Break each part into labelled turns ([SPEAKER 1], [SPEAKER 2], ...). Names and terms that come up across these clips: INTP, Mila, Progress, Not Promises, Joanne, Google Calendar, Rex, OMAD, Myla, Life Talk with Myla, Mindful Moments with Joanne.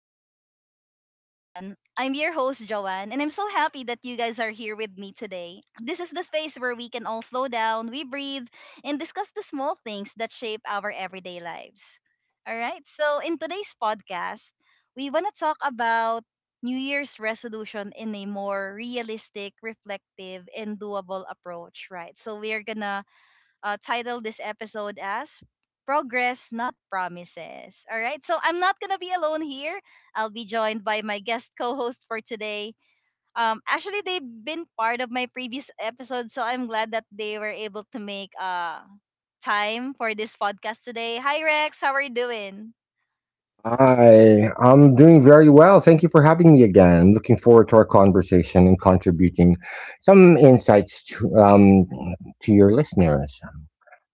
[SPEAKER 1] to Mindful Moments with Joanne. I'm your host, Joanne, and I'm so happy that you guys are here with me today. This is the space where we can all slow down, we breathe, and discuss the small things that shape our everyday lives. All right, so in today's podcast, we want to talk about New Year's resolution in a more realistic, reflective, and doable approach, right? So we're gonna titled this episode as Progress, Not Promises. All right, so I'm not going to be alone here. I'll be joined by my guest co host for today. Actually, they've been part of my previous episode, so I'm glad that they were able to make time for this podcast today. Hi, Rex. How are you doing?
[SPEAKER 2] Hi, I'm doing very well. Thank you for having me again. Looking forward to our conversation and contributing some insights to your listeners.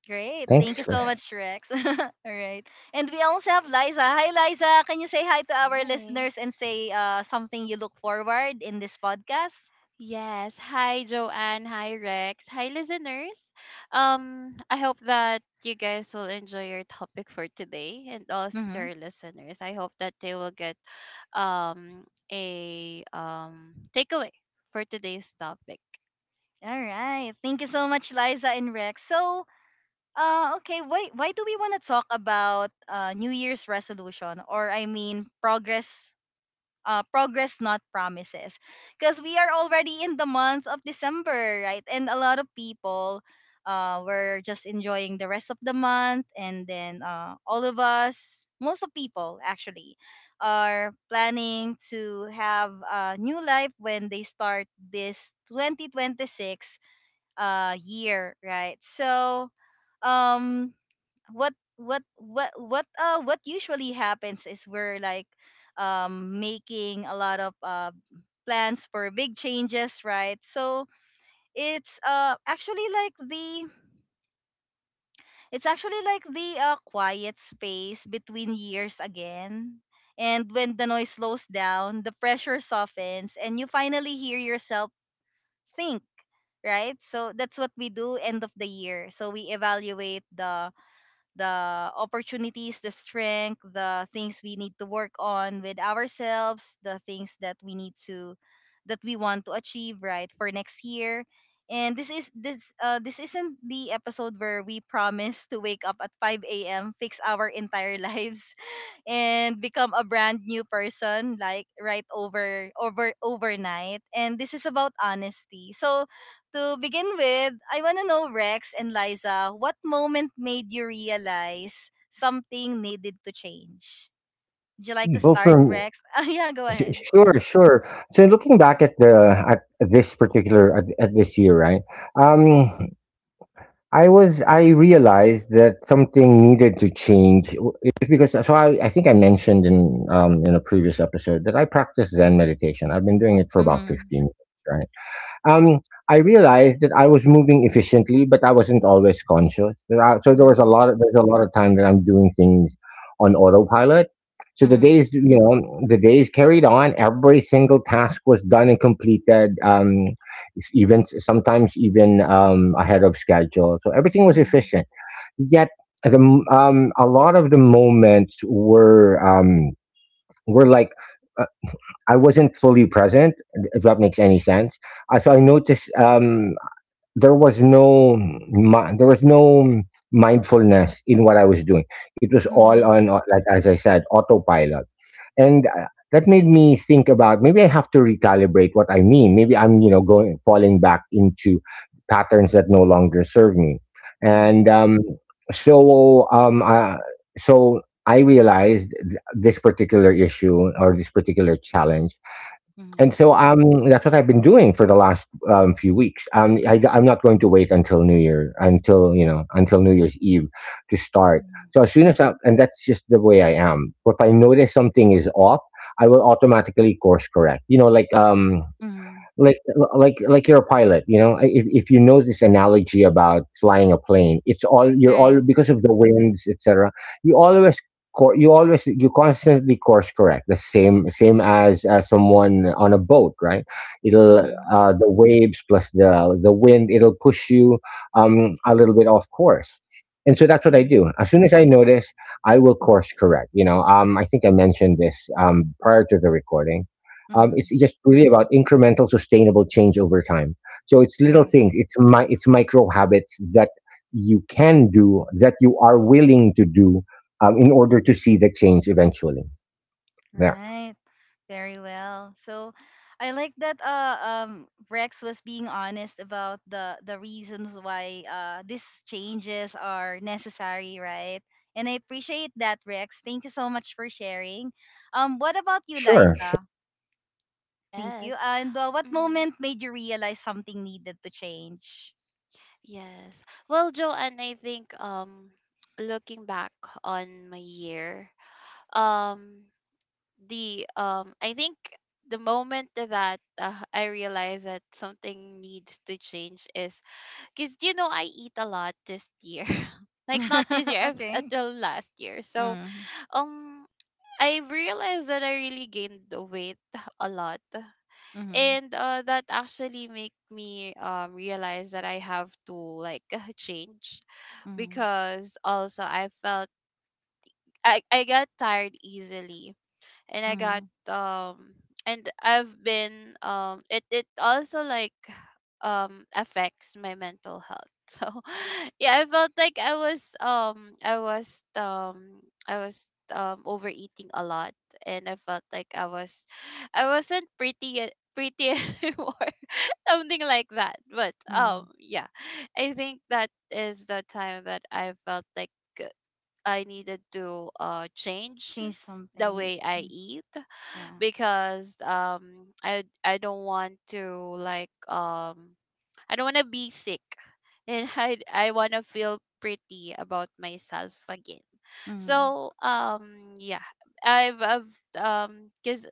[SPEAKER 1] Great. Thank you
[SPEAKER 2] Thanks.
[SPEAKER 1] so much, Rex. All right. And we also have Liza. Hi, Liza. Can you say hi to our
[SPEAKER 3] Hi.
[SPEAKER 1] listeners and say something you look forward in this podcast?
[SPEAKER 3] Yes. Hi, Joanne. Hi, Rex. Hi, listeners. I hope that you guys will enjoy your topic for today, and also to
[SPEAKER 1] Mm-hmm.
[SPEAKER 3] our listeners. I hope that they will get um a takeaway for today's topic.
[SPEAKER 1] All right. Thank you so much, Liza and Rex. So, okay, why do we want to talk about New Year's resolution, or I mean, progress, progress, not promises, because we are already in the month of December, right? And a lot of people, were just enjoying the rest of the month, and then all of us, most of people actually, are planning to have a new life when they start this 2026 year, right? So um what usually happens is we're like making a lot of plans for big changes, right? So it's uh actually like the it's actually like the quiet space between years again, and when the noise slows down, the pressure softens, and you finally hear yourself think, right? So that's what we do end of the year. So we evaluate the opportunities, the strength, the things we need to work on with ourselves, the things that we need to that we want to achieve, right, for next year. And this is this this isn't the episode where we promise to wake up at 5 a.m., fix our entire lives and become a brand new person, like, right overnight, and this is about honesty. So to begin with, I want to know, Rex and Liza, what moment made you realize something needed to change? Would you like to
[SPEAKER 2] Well, for both
[SPEAKER 1] start,
[SPEAKER 2] from
[SPEAKER 1] Rex? Ah, yeah, go
[SPEAKER 2] s-
[SPEAKER 1] ahead.
[SPEAKER 2] Sure, sure. So looking back at the at this particular at this year, right? Um, I realized that something needed to change w- because. So I think I mentioned in a previous episode that I practice Zen meditation. I've been doing it for about
[SPEAKER 1] Mhm,
[SPEAKER 2] 15 years, right? um, I realized that I was moving efficiently, but I wasn't always conscious. So there was
[SPEAKER 1] mhm,
[SPEAKER 2] there's a lot of time that I'm doing things on autopilot. So the
[SPEAKER 1] mhm,
[SPEAKER 2] days, you know, the days carried on. Every single task was done and completed. S- even sometimes even ahead of schedule. So everything was
[SPEAKER 1] mhm,
[SPEAKER 2] efficient. Yet a lot of the moments were like. uh, I wasn't fully present, if that makes any sense. So I noticed, there was no mindfulness in what I was doing. It was all
[SPEAKER 1] mhm,
[SPEAKER 2] on, like as I said, autopilot, and that made me think about maybe I have to recalibrate what I mean. Maybe I'm, you know, going falling back into patterns that no longer serve me, and
[SPEAKER 1] mhm,
[SPEAKER 2] um, so um, uh, so I realized this particular issue or this particular challenge, and
[SPEAKER 1] mhm,
[SPEAKER 2] so um, that's what I've been doing for the last few weeks. I am not going to wait until New Year, until, you know, until New Year's Eve to start.
[SPEAKER 1] mhm,
[SPEAKER 2] So as soon as and that's just the way I am. If I notice something is off, I will automatically course correct. You know, like,
[SPEAKER 1] mhm.
[SPEAKER 2] like like you're a pilot, you know. If you know this analogy about flying a plane, it's all, you're all,
[SPEAKER 1] Right.
[SPEAKER 2] because of the winds, etc., you always you constantly course correct, the same as someone on a boat, right? It'll,
[SPEAKER 1] Mhm,
[SPEAKER 2] the waves plus the wind, it'll push you a little bit off course. And so that's what I
[SPEAKER 1] mhm,
[SPEAKER 2] do. As soon as I notice, I will course correct, you know. I think I mentioned this prior to the recording.
[SPEAKER 1] mhm,
[SPEAKER 2] It's just really about incremental, sustainable change over time. So it's little
[SPEAKER 1] mhm.
[SPEAKER 2] things. It's my, it's micro habits that you can do, that you are willing to do, in order to see the change eventually. Yeah,
[SPEAKER 1] Right. Very well. So I like that Rex was being honest about the reasons why these changes are necessary, right? And I appreciate that, Rex. Thank you so much for sharing. What about you,
[SPEAKER 2] sure.
[SPEAKER 1] Liza? Thank you.
[SPEAKER 3] Yes.
[SPEAKER 1] And what
[SPEAKER 3] Mm-hmm.
[SPEAKER 1] moment made you realize something needed to change?
[SPEAKER 3] Yes. Well, Joanne, I think looking back on my year, um the I think the moment that I realized that something needs to change is because you know I eat a lot this year, like not this year
[SPEAKER 1] Okay.
[SPEAKER 3] until last year. So
[SPEAKER 1] Mhm.
[SPEAKER 3] um I realized that I really gained the weight a lot,
[SPEAKER 1] Mhm.
[SPEAKER 3] and that actually make me realize that I have to like change
[SPEAKER 1] Mhm.
[SPEAKER 3] because also I felt I got tired easily and I got
[SPEAKER 1] Mhm.
[SPEAKER 3] and I've been it also like affects my mental health. So yeah, I felt like I was overeating a lot and I felt like I was I wasn't pretty pretty anymore. Something like that. But
[SPEAKER 1] Mhm.
[SPEAKER 3] yeah. I think that is the time that I felt like I needed to change
[SPEAKER 1] Change
[SPEAKER 3] the
[SPEAKER 1] something.
[SPEAKER 3] way I
[SPEAKER 1] Mm.
[SPEAKER 3] eat
[SPEAKER 1] Yeah.
[SPEAKER 3] because I don't want to like um I don't want to be sick and I want to feel pretty about myself again.
[SPEAKER 1] Mhm.
[SPEAKER 3] So yeah, I've cuz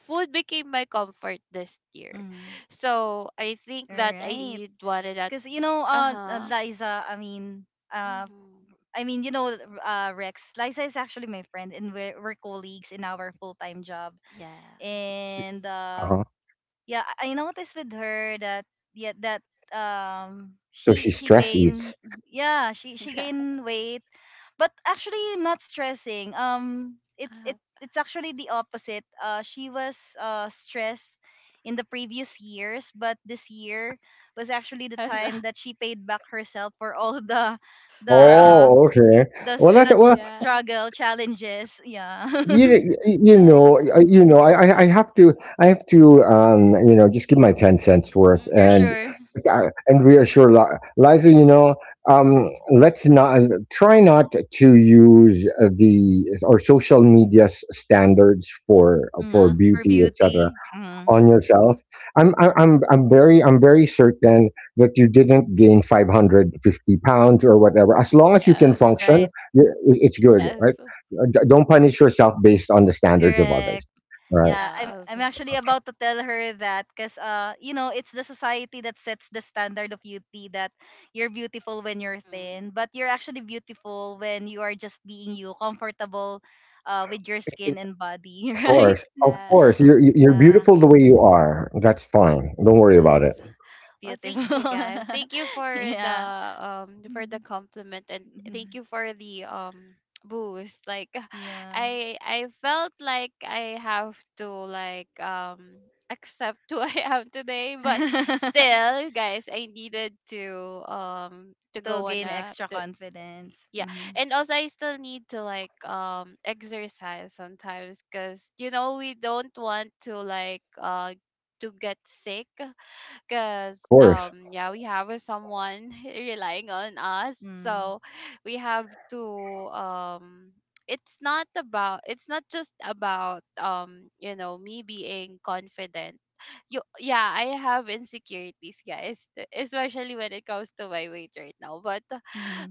[SPEAKER 3] food became my comfort this year.
[SPEAKER 1] Mhm.
[SPEAKER 3] So I think
[SPEAKER 1] All
[SPEAKER 3] that I
[SPEAKER 1] right.
[SPEAKER 3] did wanted that.
[SPEAKER 1] Because you know,
[SPEAKER 3] Uh-huh.
[SPEAKER 1] Liza, uh,
[SPEAKER 3] Mhm.
[SPEAKER 1] I mean, you know, Rex, Liza is actually my friend, and we're colleagues in our full time job.
[SPEAKER 3] Yeah.
[SPEAKER 1] And
[SPEAKER 2] Uh-huh.
[SPEAKER 1] yeah, I noticed with her that yeah, that um
[SPEAKER 2] So she
[SPEAKER 1] she she
[SPEAKER 2] stress
[SPEAKER 1] gained,
[SPEAKER 2] eats.
[SPEAKER 1] yeah, she
[SPEAKER 3] Yeah.
[SPEAKER 1] gained weight, but actually not stressing. It's,
[SPEAKER 3] Uh-huh.
[SPEAKER 1] it it's actually the opposite. She was stressed in the previous years, but this year was actually the
[SPEAKER 3] As a-
[SPEAKER 1] time that she paid back herself for all
[SPEAKER 3] we're all-
[SPEAKER 1] the
[SPEAKER 2] Oh, okay.
[SPEAKER 1] the,
[SPEAKER 2] Well,
[SPEAKER 1] s-
[SPEAKER 2] that's
[SPEAKER 1] the
[SPEAKER 2] well.
[SPEAKER 3] yeah.
[SPEAKER 1] struggle challenges, yeah.
[SPEAKER 2] you, you
[SPEAKER 3] Yeah.
[SPEAKER 2] know
[SPEAKER 3] So,
[SPEAKER 2] I- you know, I have to, I have to, you know, just give my 10 cents worth
[SPEAKER 1] Sure,
[SPEAKER 3] mhm.
[SPEAKER 1] sure.
[SPEAKER 2] and reassure Liza, you know, um let's not, try not to use, the or social media's standards for
[SPEAKER 1] Mm,
[SPEAKER 3] Uh-huh.
[SPEAKER 1] for
[SPEAKER 2] beauty, etc.,
[SPEAKER 1] beauty. Mm,
[SPEAKER 2] on yourself. I'm very, I'm very certain that you didn't gain 550 pounds or whatever. As long as you can
[SPEAKER 3] Yeah.
[SPEAKER 2] function,
[SPEAKER 1] right.
[SPEAKER 2] it's good, right?
[SPEAKER 3] Yes.
[SPEAKER 2] Don't punish yourself based on the standards of others,
[SPEAKER 1] Correct.
[SPEAKER 2] right?
[SPEAKER 1] Yeah,
[SPEAKER 3] Yes.
[SPEAKER 1] I'm actually about to tell her that, because you know, it's the society that sets the standard of beauty, that you're beautiful when you're
[SPEAKER 3] Mhm.
[SPEAKER 1] thin, but you're actually beautiful when you are just being you, comfortable with your skin
[SPEAKER 2] It-
[SPEAKER 1] and body,
[SPEAKER 2] of
[SPEAKER 1] right?
[SPEAKER 2] course of
[SPEAKER 3] Yes.
[SPEAKER 2] course you're
[SPEAKER 1] Yeah,
[SPEAKER 2] beautiful the way you are, that's fine, don't worry
[SPEAKER 3] Yes.
[SPEAKER 2] about it.
[SPEAKER 3] Well,
[SPEAKER 1] beautiful.
[SPEAKER 3] thank you guys. Thank you
[SPEAKER 1] Yeah.
[SPEAKER 3] for the
[SPEAKER 1] Mhm.
[SPEAKER 3] compliment and thank
[SPEAKER 1] Mhm.
[SPEAKER 3] you for the boost. Like
[SPEAKER 1] Yeah.
[SPEAKER 3] I felt like I have to like accept who I am today, but still guys, I needed to
[SPEAKER 1] To
[SPEAKER 3] go on
[SPEAKER 1] gain
[SPEAKER 3] a
[SPEAKER 1] extra
[SPEAKER 3] to,
[SPEAKER 1] confidence.
[SPEAKER 3] yeah,
[SPEAKER 1] Mm-hmm.
[SPEAKER 3] and also I still need to like exercise sometimes because you know we don't want to like to get sick because
[SPEAKER 2] Course.
[SPEAKER 3] yeah, we have someone relying on us
[SPEAKER 1] Mm-hmm.
[SPEAKER 3] so we have to um it's not just about you know me being confident. You Yeah, I have insecurities guys, especially when it comes to my weight right now, but uh,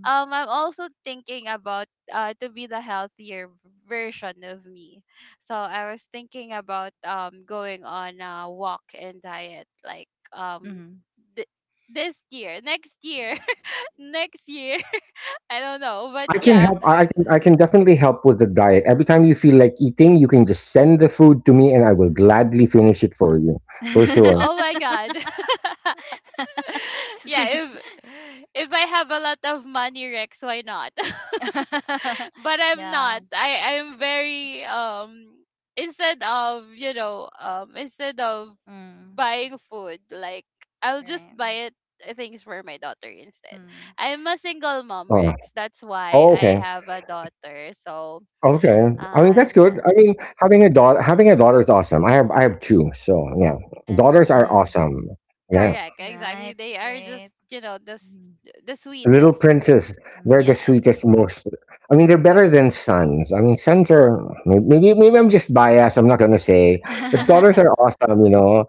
[SPEAKER 3] um I'm also thinking about to be the healthier version of me, so I was thinking about going on a walk and diet like um
[SPEAKER 1] Mm-hmm.
[SPEAKER 3] th- this year, next year, next year. I don't know, but
[SPEAKER 2] I can
[SPEAKER 3] yeah.
[SPEAKER 2] help. I can definitely help with the diet. Every time you feel like eating, you can just send the food to me, and I will gladly finish it for you, for sure.
[SPEAKER 3] Oh my god. Yeah, if I have a lot of money, Rex, why not? But I'm not.
[SPEAKER 1] Yeah.
[SPEAKER 3] I'm very instead of, you know, instead of
[SPEAKER 1] Mm.
[SPEAKER 3] buying food, like I'll just
[SPEAKER 1] Right.
[SPEAKER 3] buy it things for my daughter instead.
[SPEAKER 1] Mm.
[SPEAKER 3] I'm a single mom,
[SPEAKER 2] Uh,
[SPEAKER 3] Rex. That's why
[SPEAKER 2] oh,
[SPEAKER 3] I
[SPEAKER 2] okay,
[SPEAKER 3] have a daughter. So,
[SPEAKER 2] okay. I mean,
[SPEAKER 3] uh,
[SPEAKER 2] that's good.
[SPEAKER 3] yeah.
[SPEAKER 2] I mean, having a daughter, is awesome. I have two, so yeah, daughters are
[SPEAKER 3] Yes.
[SPEAKER 1] Mm.
[SPEAKER 2] awesome. Yeah.
[SPEAKER 3] Correct. Exactly.
[SPEAKER 1] Right.
[SPEAKER 3] They are
[SPEAKER 1] Great.
[SPEAKER 3] just, you know,
[SPEAKER 1] Mm.
[SPEAKER 3] the
[SPEAKER 2] Little
[SPEAKER 3] sweetest.
[SPEAKER 2] Princess, they're
[SPEAKER 1] Mm.
[SPEAKER 2] the
[SPEAKER 3] Yes.
[SPEAKER 2] sweetest, most. I mean, they're better than sons. I mean, sons are, maybe maybe I'm just biased. I'm not gonna say, but daughters are awesome. You know,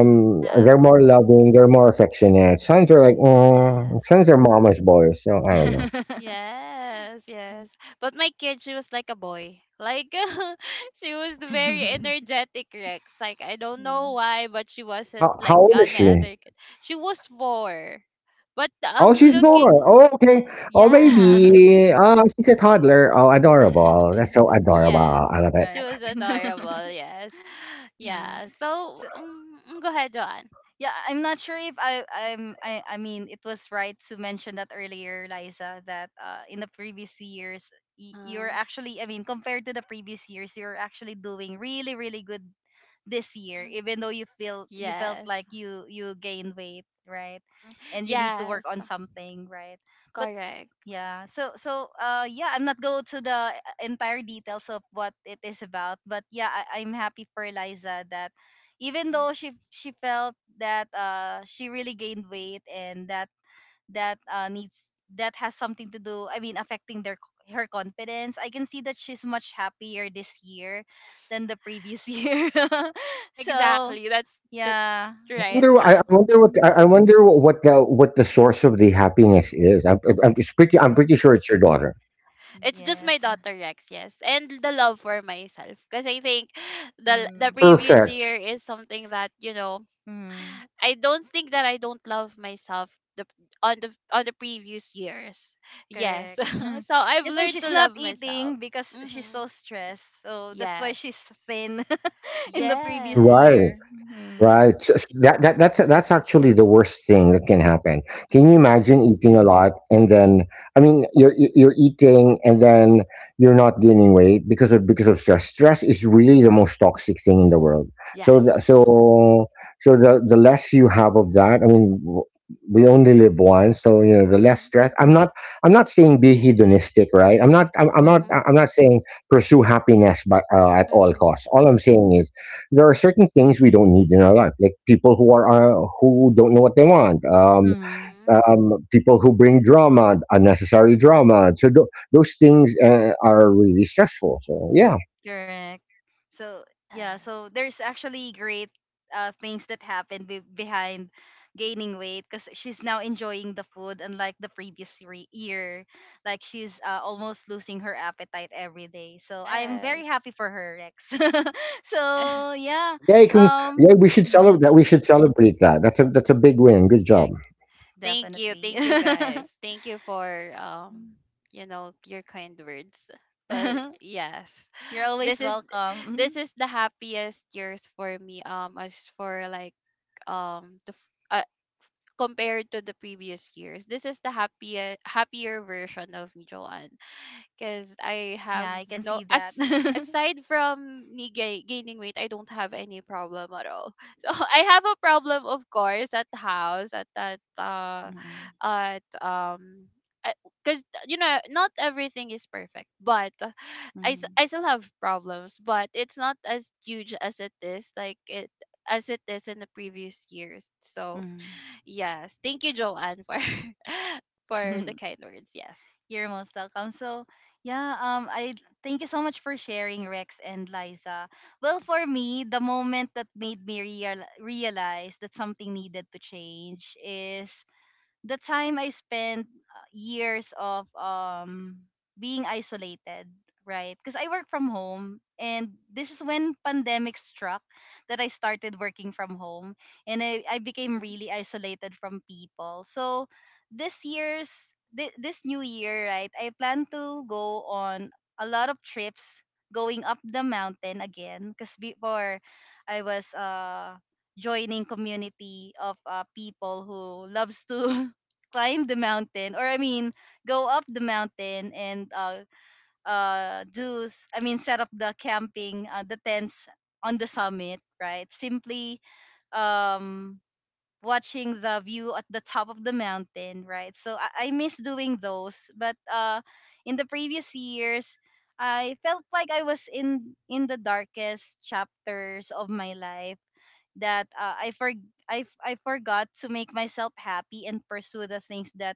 [SPEAKER 1] Mm.
[SPEAKER 3] Yeah.
[SPEAKER 2] they're more loving. They're more affectionate. Sons are like, mm,
[SPEAKER 3] Yes.
[SPEAKER 2] sons are mama's boys. So I don't know.
[SPEAKER 3] Yes, yes. But my kid, she was like a boy. Like she was very energetic, Rex. Like I don't know
[SPEAKER 1] Mm.
[SPEAKER 3] why, but she wasn't
[SPEAKER 2] How
[SPEAKER 3] like
[SPEAKER 2] old is
[SPEAKER 3] any
[SPEAKER 2] she?
[SPEAKER 3] other kid. She was four. But
[SPEAKER 2] Oh,
[SPEAKER 3] I'm
[SPEAKER 2] she's four.
[SPEAKER 3] looking,
[SPEAKER 2] Oh, okay. Oh,
[SPEAKER 3] yeah.
[SPEAKER 2] baby. Oh, she's a toddler. Oh, adorable. That's so adorable.
[SPEAKER 3] Yes,
[SPEAKER 2] I love it.
[SPEAKER 3] she
[SPEAKER 1] Right.
[SPEAKER 3] was adorable. Yes,
[SPEAKER 1] Mm.
[SPEAKER 3] yeah. So go ahead, John.
[SPEAKER 1] Yeah, I'm not sure if I I'm I mean, it was right to mention that earlier, Liza, that in the previous years,
[SPEAKER 3] Uh
[SPEAKER 1] you're
[SPEAKER 3] huh.
[SPEAKER 1] actually, I mean, compared to the previous years, you're actually doing really really good this year,
[SPEAKER 3] Mm-hmm.
[SPEAKER 1] even though you feel you felt
[SPEAKER 3] Yes.
[SPEAKER 1] like you gained weight, right?
[SPEAKER 3] Mm-hmm.
[SPEAKER 1] And you need to work
[SPEAKER 3] Yes.
[SPEAKER 1] on something, right? But
[SPEAKER 3] Correct.
[SPEAKER 1] yeah. So so yeah, I'm not go to the entire details of what it is about, but yeah, I'm happy for Liza that even
[SPEAKER 3] Mm-hmm.
[SPEAKER 1] though she felt that she really gained weight and that that needs, that has something to do, I mean affecting their her confidence. I can see that she's much happier this year
[SPEAKER 3] Yes.
[SPEAKER 1] than the previous year. So
[SPEAKER 3] Exactly. That's
[SPEAKER 1] yeah.
[SPEAKER 3] right.
[SPEAKER 2] I wonder what.
[SPEAKER 1] Mhm.
[SPEAKER 2] I wonder what the, what the source of the happiness is. It's pretty, I'm pretty sure it's your daughter.
[SPEAKER 3] It's just
[SPEAKER 1] Yes.
[SPEAKER 3] my daughter, Rex. Yes, and the love for myself. Because I think the
[SPEAKER 1] Mm-hmm.
[SPEAKER 3] previous
[SPEAKER 2] Perfect.
[SPEAKER 3] year is something that you know
[SPEAKER 1] Mm-hmm.
[SPEAKER 3] I don't think that I don't love myself the on the previous years. Yes.
[SPEAKER 1] Correct.
[SPEAKER 3] So I've
[SPEAKER 1] Yes, and
[SPEAKER 3] learned
[SPEAKER 1] she's
[SPEAKER 3] to
[SPEAKER 1] not
[SPEAKER 3] love
[SPEAKER 1] eating
[SPEAKER 3] myself.
[SPEAKER 1] because she's
[SPEAKER 3] Mhm.
[SPEAKER 1] so stressed. So that's why
[SPEAKER 3] Yes.
[SPEAKER 1] she's thin in the previous
[SPEAKER 3] Yes.
[SPEAKER 2] Right.
[SPEAKER 1] year. Hmm.
[SPEAKER 2] Right. So s that, that's that's actually the worst thing that can happen. Can you
[SPEAKER 3] Mhm.
[SPEAKER 2] imagine eating a lot and then, I mean, you're, you're eating and then you're not gaining weight because of, because of stress. Stress is really the most toxic thing in the world. So the,
[SPEAKER 3] Yes.
[SPEAKER 2] so so the less you have of that, I mean, we only live once, so you know, the less
[SPEAKER 3] Mhm.
[SPEAKER 2] stress. I'm not saying be hedonistic, right? I'm not I'm, I'm not
[SPEAKER 3] Mhm.
[SPEAKER 2] I'm not saying pursue happiness, but at all
[SPEAKER 3] Mhm.
[SPEAKER 2] costs. All I'm saying is there are certain things we don't need in our life, like people who are, who don't know what they want,
[SPEAKER 1] Hmm.
[SPEAKER 3] Mhm.
[SPEAKER 2] people who bring drama, unnecessary drama. So those things, are really stressful. So yeah,
[SPEAKER 1] Correct. So yeah, so
[SPEAKER 3] Yes.
[SPEAKER 1] there's actually great things that happened behind gaining weight, because she's now enjoying the food unlike the previous year. Like, she's almost losing her appetite every day. So I'm
[SPEAKER 3] Yes.
[SPEAKER 1] very happy for her, Rex.
[SPEAKER 3] Yes.
[SPEAKER 1] So yeah.
[SPEAKER 2] yeah, you can, yeah,
[SPEAKER 1] Um.
[SPEAKER 2] we should celebrate
[SPEAKER 1] Mm-hmm.
[SPEAKER 2] that. That's a, that's a big win. Good job,
[SPEAKER 3] Correct. Thank you.
[SPEAKER 1] Definitely.
[SPEAKER 3] Thank you guys. Thank you for
[SPEAKER 1] Mm.
[SPEAKER 3] you know your kind words. Well, yes.
[SPEAKER 1] You're always
[SPEAKER 3] This is this
[SPEAKER 1] welcome.
[SPEAKER 3] is the happiest years for me as for like um the f- uh, compared to the previous years. This is the happier version of me, because I have
[SPEAKER 1] Yeah, I can
[SPEAKER 3] no
[SPEAKER 1] see
[SPEAKER 3] as
[SPEAKER 1] that.
[SPEAKER 3] aside from me gaining weight, I don't have any problem at all. So I have a problem, of course, at the house at that
[SPEAKER 1] Mhm,
[SPEAKER 3] at because you know not everything is perfect, but
[SPEAKER 1] mhm,
[SPEAKER 3] I still have problems, but it's not as huge as it is like it as it is in the previous years. So
[SPEAKER 1] mhm.
[SPEAKER 3] yes, thank you, Joanne, for for the kind words. Yes.
[SPEAKER 1] You're most welcome. So, yeah, I thank you so much for sharing, Rex and Liza. Well, for me, the moment that made me realize that something needed to change is the time I spent years of being isolated, right? Because I work from home, and this is when pandemic struck that I started working from home, and I became really isolated from people. So this year's this new year, right? I plan to go on a lot of trips, going up the mountain again, because before I was joining community of people who loves to climb the mountain, or I mean go up the mountain, and I mean set up the camping the tents on the summit, right? Simply um watching the view at the top of the mountain, right? So I miss doing those, but in the previous years I felt like I was in the darkest chapters of my life, that I forgot to make myself happy and pursue the things that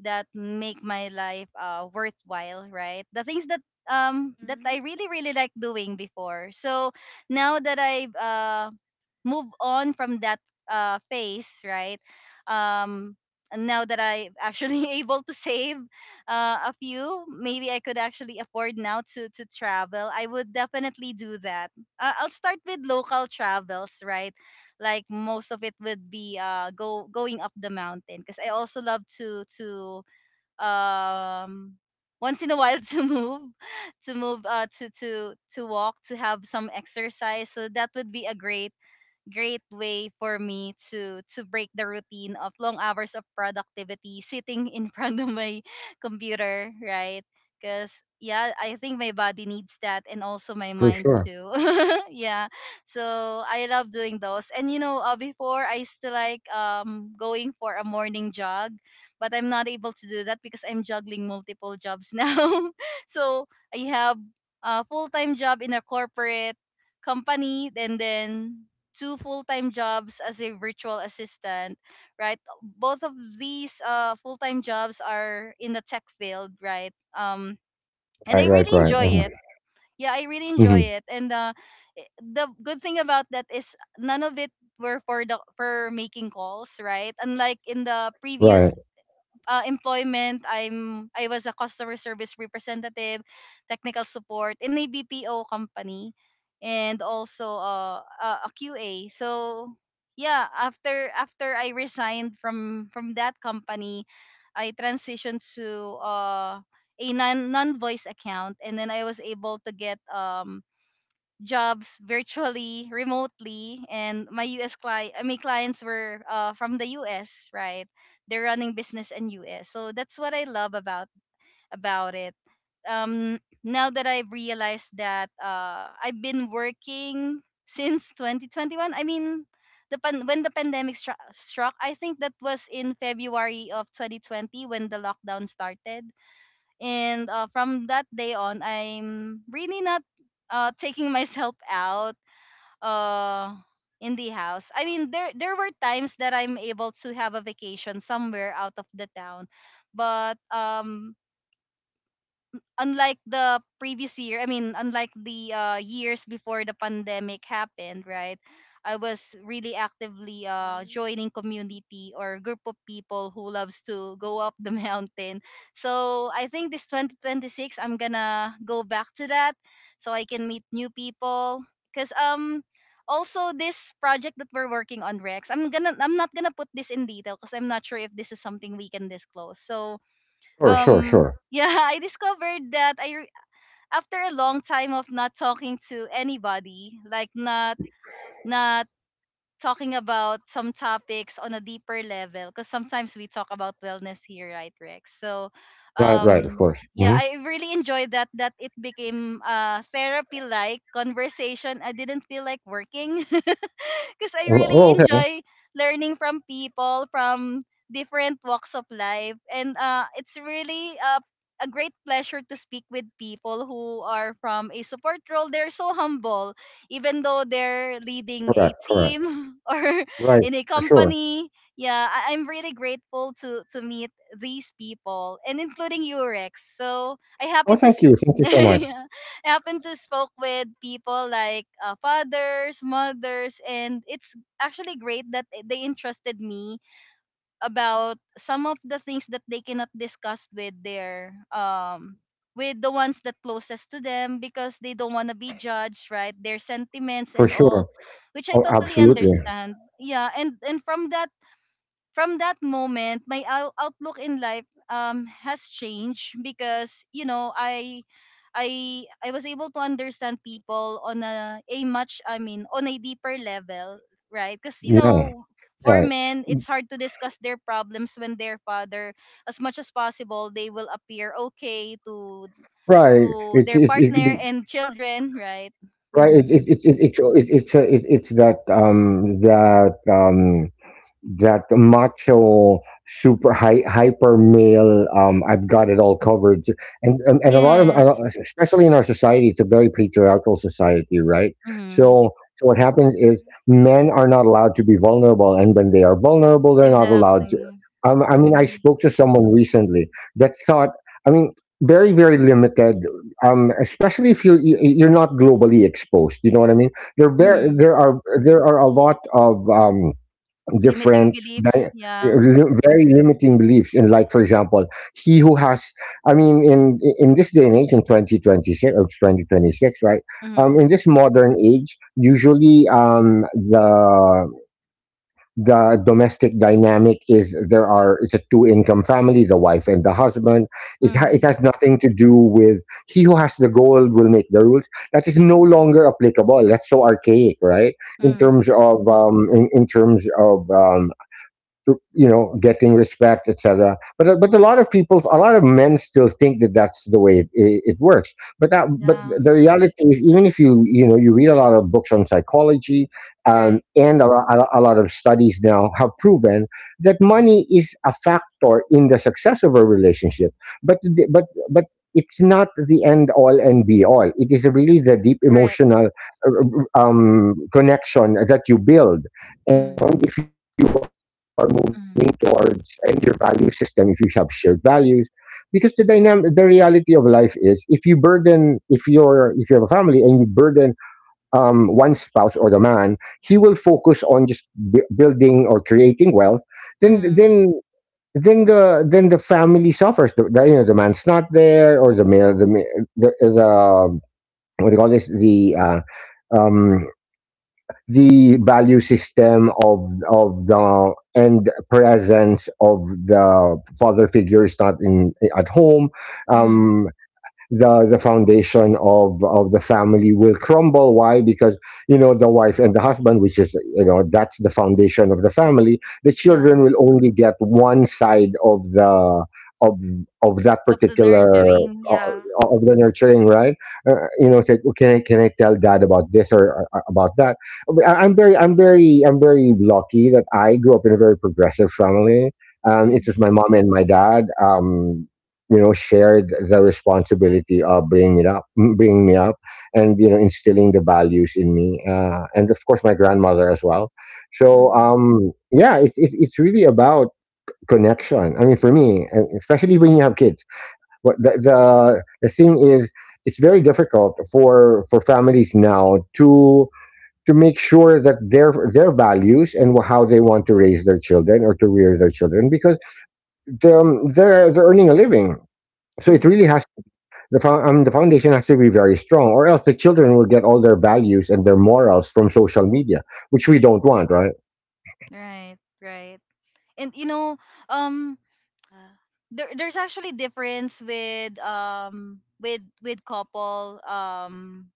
[SPEAKER 1] that make my life worthwhile, right? The things that that I
[SPEAKER 3] Hmm.
[SPEAKER 1] really really like doing before. So now that I've move on from that phase, right? Um, and now that I'm actually able to save a few, maybe I could actually afford now to travel. I would definitely do that. I'll start with local travels, right? Like most of it would be go going up the mountain, because I also love to um once in a while to move to walk, to have some exercise, so that would be a great way for me to break the routine of long hours of productivity, sitting in front of my computer, right? Because yeah, I think my body needs that, and also my
[SPEAKER 2] for
[SPEAKER 1] mind
[SPEAKER 2] sure.
[SPEAKER 1] too. Yeah. So I love doing those, and you know, before I used to like going for a morning jog, but I'm not able to do that because I'm juggling multiple jobs now. So I have a full-time job in a corporate company, and then two full-time jobs as a virtual assistant, right? Both of these full-time jobs are in the tech field, right? And
[SPEAKER 2] Right,
[SPEAKER 1] I
[SPEAKER 2] right,
[SPEAKER 1] really
[SPEAKER 2] right.
[SPEAKER 1] enjoy
[SPEAKER 2] Hmm.
[SPEAKER 1] it. Yeah, I really enjoy
[SPEAKER 2] Hmm.
[SPEAKER 1] it. And the good thing about that is none of it were for the for making calls, right? Unlike in the previous
[SPEAKER 2] Right.
[SPEAKER 1] employment, I was a customer service representative, technical support in a BPO company, and also QA. So yeah, after after I resigned from that company, I transitioned to a non voice account, and then I was able to get jobs virtually, remotely, and my US client, my clients were from the US, right? They're running business in US, so that's what I love about it. Now that I've realized that I've been working since 2021. I mean, the when the pandemic struck, I think that was in February of 2020 when the lockdown started. And from that day on, I'm really not taking myself out uh, in the house. I mean, there were times that I'm able to have a vacation somewhere out of the town, but unlike the previous year, I mean, unlike the years before the pandemic happened, right? I was really actively
[SPEAKER 3] Mhm.
[SPEAKER 1] joining community or group of people who loves to go up the mountain. So I think this 2026, I'm gonna go back to that so I can meet new people. Cause also this project that we're working on, Rex, I'm not gonna put this in detail because I'm not sure if this is something we can disclose. So
[SPEAKER 2] Sure, sure, sure.
[SPEAKER 1] yeah, I discovered that I re- after a long time of not talking to anybody, like not talking about some topics on a deeper level. Because sometimes we talk about wellness here, right, Rex? So
[SPEAKER 2] Right, right. Of
[SPEAKER 1] um
[SPEAKER 2] course.
[SPEAKER 1] yeah,
[SPEAKER 2] Hmm.
[SPEAKER 1] I really enjoyed that, it became a therapy like conversation. I didn't feel like working, because I really
[SPEAKER 2] Oh, okay.
[SPEAKER 1] enjoy learning from people from different walks of life. And it's really a great pleasure to speak with people who are from a support role. They're so humble even though they're leading a
[SPEAKER 2] Correct, correct.
[SPEAKER 1] team or
[SPEAKER 2] Right,
[SPEAKER 1] in a
[SPEAKER 2] for sure.
[SPEAKER 1] company. Yeah, I'm really grateful to meet these people, and including you, Rex. So I
[SPEAKER 2] Oh,
[SPEAKER 1] happen to
[SPEAKER 2] thank
[SPEAKER 1] sp-
[SPEAKER 2] you. Thank you so much.
[SPEAKER 1] yeah, I happen to spoke with people like fathers, mothers, and it's actually great that they entrusted me about some of the things that they cannot discuss with their with the ones that closest to them, because they don't want to be judged, right? Their sentiments
[SPEAKER 2] For
[SPEAKER 1] and all,
[SPEAKER 2] sure.
[SPEAKER 1] which I
[SPEAKER 2] Oh,
[SPEAKER 1] totally
[SPEAKER 2] absolutely.
[SPEAKER 1] understand. Yeah. And from that, moment, my outlook in life has changed. Because you know, I was able to understand people on a much, I mean, on a deeper level, right? Because you
[SPEAKER 2] Yeah.
[SPEAKER 1] know, for
[SPEAKER 2] Right.
[SPEAKER 1] men it's hard to discuss their problems. When their father, as much as possible, they will appear okay to
[SPEAKER 2] Right.
[SPEAKER 1] their partner and children, right?
[SPEAKER 2] Right.
[SPEAKER 1] Mm-hmm.
[SPEAKER 2] It's that that macho super hyper male, I've got it all covered. And and, a lot of,
[SPEAKER 1] Yes.
[SPEAKER 2] especially in our society, it's a very patriarchal society, right?
[SPEAKER 1] Mm-hmm.
[SPEAKER 2] So so what happens is
[SPEAKER 3] Mhm.
[SPEAKER 2] men are not allowed to be vulnerable, and when they are vulnerable, they're not
[SPEAKER 1] Exactly.
[SPEAKER 2] allowed to. I mean, I
[SPEAKER 1] Mm-hmm.
[SPEAKER 2] spoke to someone recently that thought, I mean, very, very limited, especially if you, you're not globally exposed, you know what I mean?
[SPEAKER 3] Mhm.
[SPEAKER 1] Mm-hmm.
[SPEAKER 2] There are, there are a lot of
[SPEAKER 1] Limiting
[SPEAKER 2] different, di-
[SPEAKER 1] beliefs. Yeah.
[SPEAKER 2] very limiting beliefs in, like, for example, he who has, I mean, in this day and age in 2026 or 2026, right? Um,
[SPEAKER 1] Mm.
[SPEAKER 2] in this modern age, usually, the domestic dynamic is, there are, it's a two income family, the wife and the husband. It it
[SPEAKER 1] Mm.
[SPEAKER 2] has nothing to do with he who has the gold will make the rules. That is no longer applicable, that's so archaic, right? In terms
[SPEAKER 1] Mm.
[SPEAKER 2] of, in terms of, to you know getting respect, etc., but a lot of people, a lot of men still think that that's the way it works. But that, but
[SPEAKER 1] Yeah.
[SPEAKER 2] the reality is, even if you, you know, you read a lot of books on psychology, um,
[SPEAKER 1] Correct.
[SPEAKER 2] and a, lo- a lo- a lot of studies now have proven that money is a factor in the success of a relationship, but it's not the end all and be all. It is really the deep
[SPEAKER 1] Correct.
[SPEAKER 2] emotional, uh, connection that you build. And if
[SPEAKER 1] Mm.
[SPEAKER 2] you are moving towards, and your value
[SPEAKER 1] Mm.
[SPEAKER 2] system, if you have shared values, because the dynamic, the reality of life is, if you burden, if you're, if you have a family and you burden, one spouse or the man, he will focus on just, building or creating wealth, then
[SPEAKER 1] Mm.
[SPEAKER 2] then then the, then the family suffers. The, you know, the man's not there, or the male, the, what do you call this, the, the value system of the, and presence of the father figure, is not in at home.
[SPEAKER 1] Mm.
[SPEAKER 2] Um, the foundation of the family will crumble. Why? Because you know, the wife and the husband, which is, you know, that's the foundation of the family, the
[SPEAKER 1] Yeah.
[SPEAKER 2] children will only get one side of the, of of that
[SPEAKER 1] Of the
[SPEAKER 2] particular,
[SPEAKER 1] nurturing.
[SPEAKER 2] uh,
[SPEAKER 1] Yeah.
[SPEAKER 2] of the nurturing, right? Uh, you know, it's like, okay, can I tell dad about this, or about that. I'm very, I'm very lucky that I grew up in a very progressive family. Um, it's just
[SPEAKER 1] Mm.
[SPEAKER 2] my mom and my dad. Shared the responsibility of bringing me up, and instilling the values in me, and of course my grandmother as well. so
[SPEAKER 1] Mm.
[SPEAKER 2] um yeah it's really about connection. I mean, for me, and especially when you have kids, what the thing is, it's very difficult for families now to make sure that their values and how they want to raise their children or to rear their children, because they're earning a living. So it really
[SPEAKER 1] Mm.
[SPEAKER 2] has the foundation has to be very strong, or else the children will get all their values and their morals from social media, which we don't want, right?
[SPEAKER 1] Right. Right. And you know, um,
[SPEAKER 3] Yeah.
[SPEAKER 1] there's actually difference with with couple,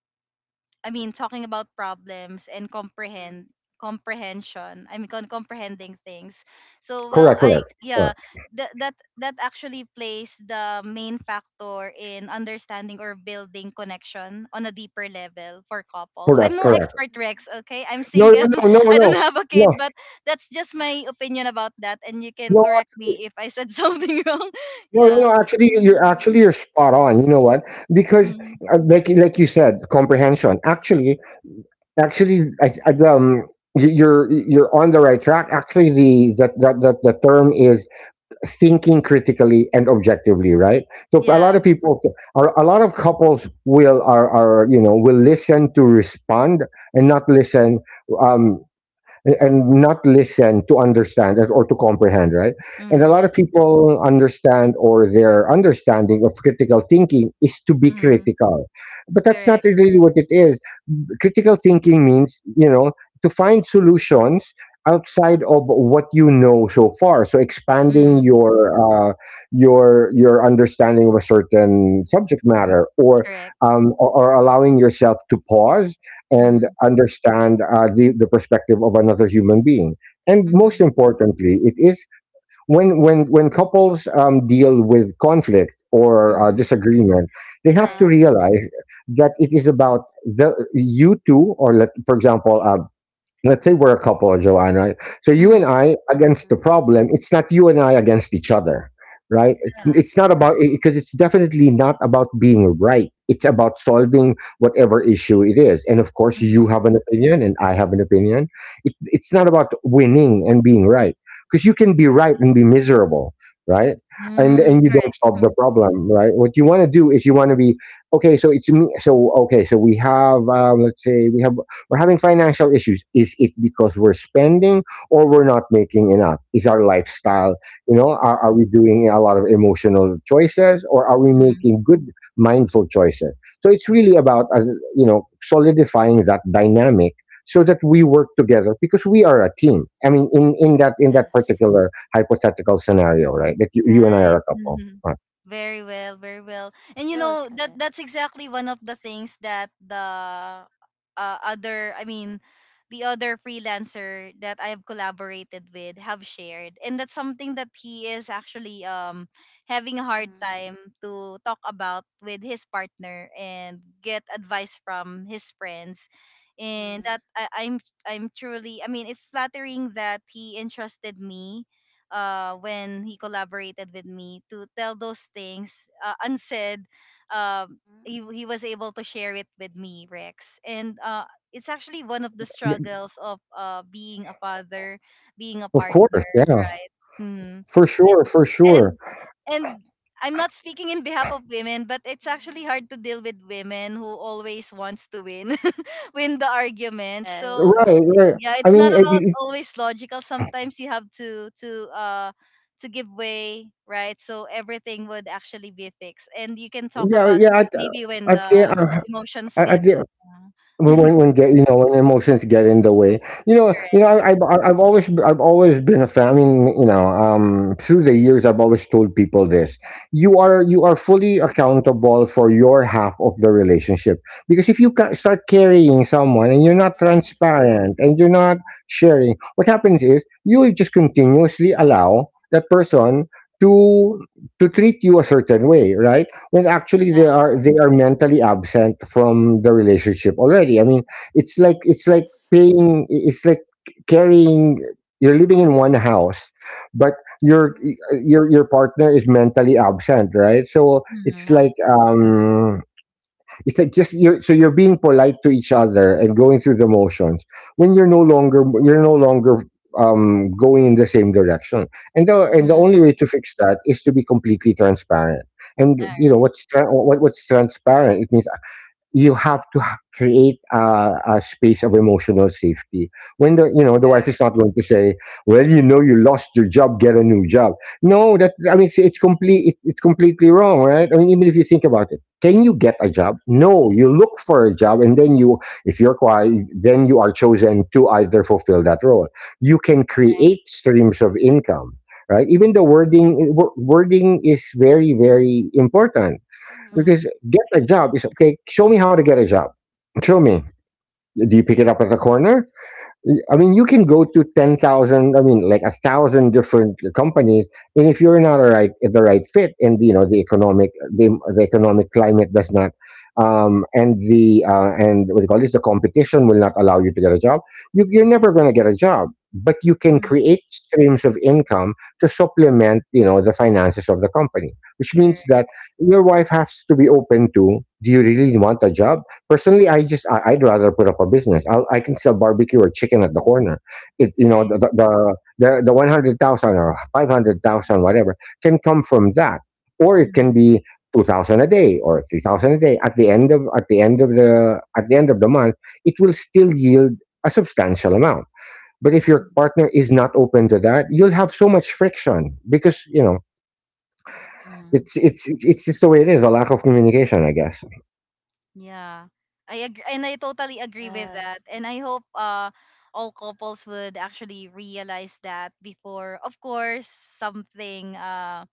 [SPEAKER 1] I mean, talking about problems and
[SPEAKER 3] Mhm.
[SPEAKER 1] comprehend comprehension. I mean, comprehending things. So, well,
[SPEAKER 2] Correct,
[SPEAKER 1] I
[SPEAKER 2] correct,
[SPEAKER 1] yeah,
[SPEAKER 2] correct,
[SPEAKER 1] that actually plays the main factor in understanding or building connection on a deeper level for couples. I'm
[SPEAKER 2] correct,
[SPEAKER 1] no
[SPEAKER 2] correct.
[SPEAKER 1] expert, Rex.
[SPEAKER 3] Mhm.
[SPEAKER 1] Okay, I'm
[SPEAKER 2] No, no,
[SPEAKER 1] single.
[SPEAKER 2] no, no,
[SPEAKER 1] I don't
[SPEAKER 2] no,
[SPEAKER 1] have a
[SPEAKER 2] no,
[SPEAKER 1] kid, but that's just
[SPEAKER 3] Yeah.
[SPEAKER 1] my opinion about that, and you can
[SPEAKER 2] no.
[SPEAKER 1] correct me
[SPEAKER 2] Actually,
[SPEAKER 1] if I said something wrong.
[SPEAKER 2] no, no,
[SPEAKER 1] Yeah.
[SPEAKER 2] no. Actually, you're
[SPEAKER 1] Mm,
[SPEAKER 2] spot on. You know what? Because,
[SPEAKER 1] mm,
[SPEAKER 2] like, you said, comprehension. Actually, you're on the right track. Actually, the that that that the term is thinking critically and objectively, right? So
[SPEAKER 1] yeah.
[SPEAKER 3] Mhm.
[SPEAKER 2] a lot of couples will are you know will listen to respond and not listen, um and not listen to understand or to comprehend, right? And a lot
[SPEAKER 1] Mm,
[SPEAKER 2] of people understand, or their understanding of critical thinking is to be
[SPEAKER 1] mm,
[SPEAKER 2] critical, but that's not
[SPEAKER 1] correct.
[SPEAKER 2] really what it is. Critical thinking means, to find solutions outside of what you know so far, so expanding
[SPEAKER 1] Mm,
[SPEAKER 2] your, uh, your understanding of a certain
[SPEAKER 3] Mhm.
[SPEAKER 2] subject matter, or,
[SPEAKER 1] correct.
[SPEAKER 2] or allowing yourself to pause and
[SPEAKER 1] Mhm,
[SPEAKER 2] understand, the perspective of another human being. And most
[SPEAKER 1] mhm,
[SPEAKER 2] importantly, it is when couples, deal with conflict or,
[SPEAKER 1] mhm.
[SPEAKER 2] disagreement, they
[SPEAKER 3] Uh
[SPEAKER 2] have
[SPEAKER 1] Correct.
[SPEAKER 2] to
[SPEAKER 3] huh.
[SPEAKER 2] realize that it is about the you two. Or, for example, let's say we're a couple, Joanne, right? So you and
[SPEAKER 1] Mhm.
[SPEAKER 2] I against the
[SPEAKER 3] Mhm.
[SPEAKER 2] problem. It's not you and I against each other, right?
[SPEAKER 1] Yeah.
[SPEAKER 2] It's
[SPEAKER 3] Yes.
[SPEAKER 2] not about, because it's definitely not about being right. It's about solving whatever issue it is. And of course, you
[SPEAKER 1] Mhm.
[SPEAKER 2] have an opinion and I have an opinion. It's not about winning and being right, because you can be right and be miserable, right?
[SPEAKER 3] Yes.
[SPEAKER 1] Mm,
[SPEAKER 2] And you don't solve the
[SPEAKER 1] correct.
[SPEAKER 2] problem, right? What you want to do is you want to be okay. So it's me. So okay. So we have, let's say we're having financial issues. Is it because we're spending, or we're not making enough? Is our lifestyle, are
[SPEAKER 3] Mhm.
[SPEAKER 2] we doing a lot of emotional choices, or are we
[SPEAKER 1] Mhm.
[SPEAKER 2] making good, mindful choices? So it's really about, solidifying that dynamic so that we work together, because we are a team. I mean, in, in that
[SPEAKER 3] Yes.
[SPEAKER 2] particular hypothetical scenario, right? That you and I
[SPEAKER 3] Mhm.
[SPEAKER 2] are
[SPEAKER 1] Right.
[SPEAKER 2] a couple.
[SPEAKER 1] Mhm.
[SPEAKER 2] Right.
[SPEAKER 1] Very well, very well. And you
[SPEAKER 3] Very
[SPEAKER 1] know,
[SPEAKER 3] sudden.
[SPEAKER 1] that's exactly one of the things that the other, I mean, the other freelancer that I have collaborated with have shared, and that's something that he is actually having a hard
[SPEAKER 3] Mhm.
[SPEAKER 1] time to talk about with his partner and get advice from his friends. And
[SPEAKER 3] Mhm.
[SPEAKER 1] that I'm truly, I mean, it's flattering that he entrusted me when he collaborated with me to tell those things, unsaid.
[SPEAKER 3] Mhm.
[SPEAKER 1] He was able to share it with me, Rex. And it's actually one of the struggles of being a father, being a
[SPEAKER 2] Of course.
[SPEAKER 1] partner,
[SPEAKER 2] Yeah,
[SPEAKER 1] right? hmm
[SPEAKER 2] for sure. For sure.
[SPEAKER 1] and and I'm not speaking in behalf of women, but it's actually
[SPEAKER 3] Mhm.
[SPEAKER 1] hard to deal with women who always wants to win, win the argument.
[SPEAKER 3] Yes.
[SPEAKER 1] So
[SPEAKER 2] Right. Right.
[SPEAKER 1] yeah,
[SPEAKER 2] I
[SPEAKER 1] it's
[SPEAKER 2] mean,
[SPEAKER 1] not about always logical. Sometimes you have to give way, right? So everything would actually be fixed, and you can talk
[SPEAKER 2] yeah,
[SPEAKER 1] about
[SPEAKER 2] yeah.
[SPEAKER 1] that maybe when
[SPEAKER 2] At
[SPEAKER 1] the
[SPEAKER 2] the uh,
[SPEAKER 1] emotions
[SPEAKER 2] at
[SPEAKER 1] get
[SPEAKER 2] the
[SPEAKER 1] uh,
[SPEAKER 2] when emotions get in the way, you know,
[SPEAKER 1] correct.
[SPEAKER 2] I've always been a fan. I mean, through the years, I've always told people this: you are fully accountable for your half of the relationship. Because if you start carrying someone and you're not
[SPEAKER 3] Mhm.
[SPEAKER 2] transparent and you're not sharing, what happens is you just continuously allow that person to treat you a certain way, right? When actually they
[SPEAKER 1] Yeah.
[SPEAKER 2] are mentally absent from the relationship already. I mean, it's like it's like
[SPEAKER 3] Yes.
[SPEAKER 2] it's like carrying, you're living in one house, but your
[SPEAKER 3] Mhm.
[SPEAKER 2] your partner is mentally absent, right? So it's
[SPEAKER 1] Mm-hmm.
[SPEAKER 3] Yeah.
[SPEAKER 2] like, it's like just you're so you're being polite to each other and going through the motions, when you're no longer, going in the same direction. And the
[SPEAKER 1] Mm-hmm.
[SPEAKER 2] only way
[SPEAKER 3] Yes.
[SPEAKER 2] to fix that is to be completely transparent. And
[SPEAKER 1] All
[SPEAKER 2] you know
[SPEAKER 1] right.
[SPEAKER 2] what's what's transparent? It means you have to create a space of emotional safety, when the you know the wife
[SPEAKER 3] Correct.
[SPEAKER 2] is not going to say, well, you lost your job, get a new job. No, that I mean, it's completely wrong, right? I mean, even if you think about it, can you get a
[SPEAKER 1] Mm-hmm.
[SPEAKER 2] job? No, you look for a job, and then you, if you're quiet, then you are chosen to either fulfill that role. You can
[SPEAKER 1] Right.
[SPEAKER 2] create streams of income, right? Even the wording, wording is very, very important,
[SPEAKER 3] Mhm.
[SPEAKER 1] Mm-hmm.
[SPEAKER 2] because get a job is okay. Show me how to get a job. Show me. Do you pick it up at the corner?
[SPEAKER 3] Mhm.
[SPEAKER 2] I mean, you can go to 10,000, I mean, like a thousand different companies. And if you're not a the right fit, and, you know, the economic, the economic climate does not, and and what do you call this, the competition will not allow you to get a job. You're never going to get a job, but you can
[SPEAKER 1] Mm-hmm.
[SPEAKER 2] create streams of income to supplement, the finances of the company, which means
[SPEAKER 1] Correct.
[SPEAKER 2] that your wife has to be open to, do you really want a job? Personally, I'd rather put up a business. I can sell barbecue or chicken at the corner. It you know
[SPEAKER 1] Right.
[SPEAKER 2] the 100,000 or 500,000, whatever, can come from that, or it
[SPEAKER 1] Mm-hmm.
[SPEAKER 2] can be 2,000 a day or 3,000 a day. At the end of the month, it will still yield a substantial amount. But if your partner is not open to that, you'll have so much friction because,
[SPEAKER 1] Mm-hmm.
[SPEAKER 2] it's just the way it is. A lack of communication, I guess.
[SPEAKER 1] Yeah. I agree, and I totally agree with that.
[SPEAKER 3] Yes.
[SPEAKER 1] And I hope all couples would actually realize that before, of course, something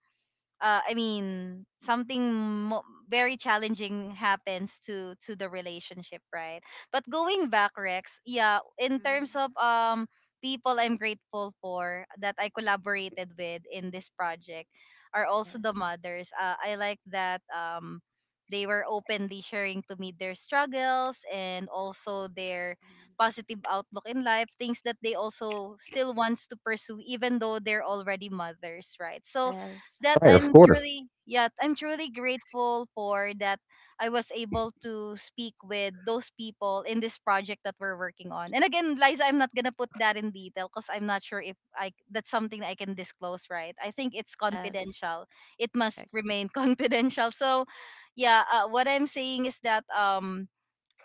[SPEAKER 1] I mean, something very challenging happens to the relationship, right? But going back, Rex, yeah, in terms
[SPEAKER 3] Mhm.
[SPEAKER 1] of people I'm grateful for that I collaborated with in this project are also the
[SPEAKER 3] Yes.
[SPEAKER 1] mothers. I like that they were openly sharing to me their struggles and also their
[SPEAKER 3] Mhm.
[SPEAKER 1] positive outlook in life, things that they also still wants to pursue even though they're already mothers, right? So
[SPEAKER 3] Yes.
[SPEAKER 1] that
[SPEAKER 2] Right, of
[SPEAKER 1] I'm
[SPEAKER 2] course.
[SPEAKER 1] truly, yeah, I'm truly grateful for that. I was able to speak with those people in this project that we're working on. And again, Liza, I'm not gonna put that in detail because I'm not sure if I that's something I can disclose, right? I think it's
[SPEAKER 3] Yes.
[SPEAKER 1] confidential. It must
[SPEAKER 3] Correct.
[SPEAKER 1] remain confidential. So yeah, what I'm saying is that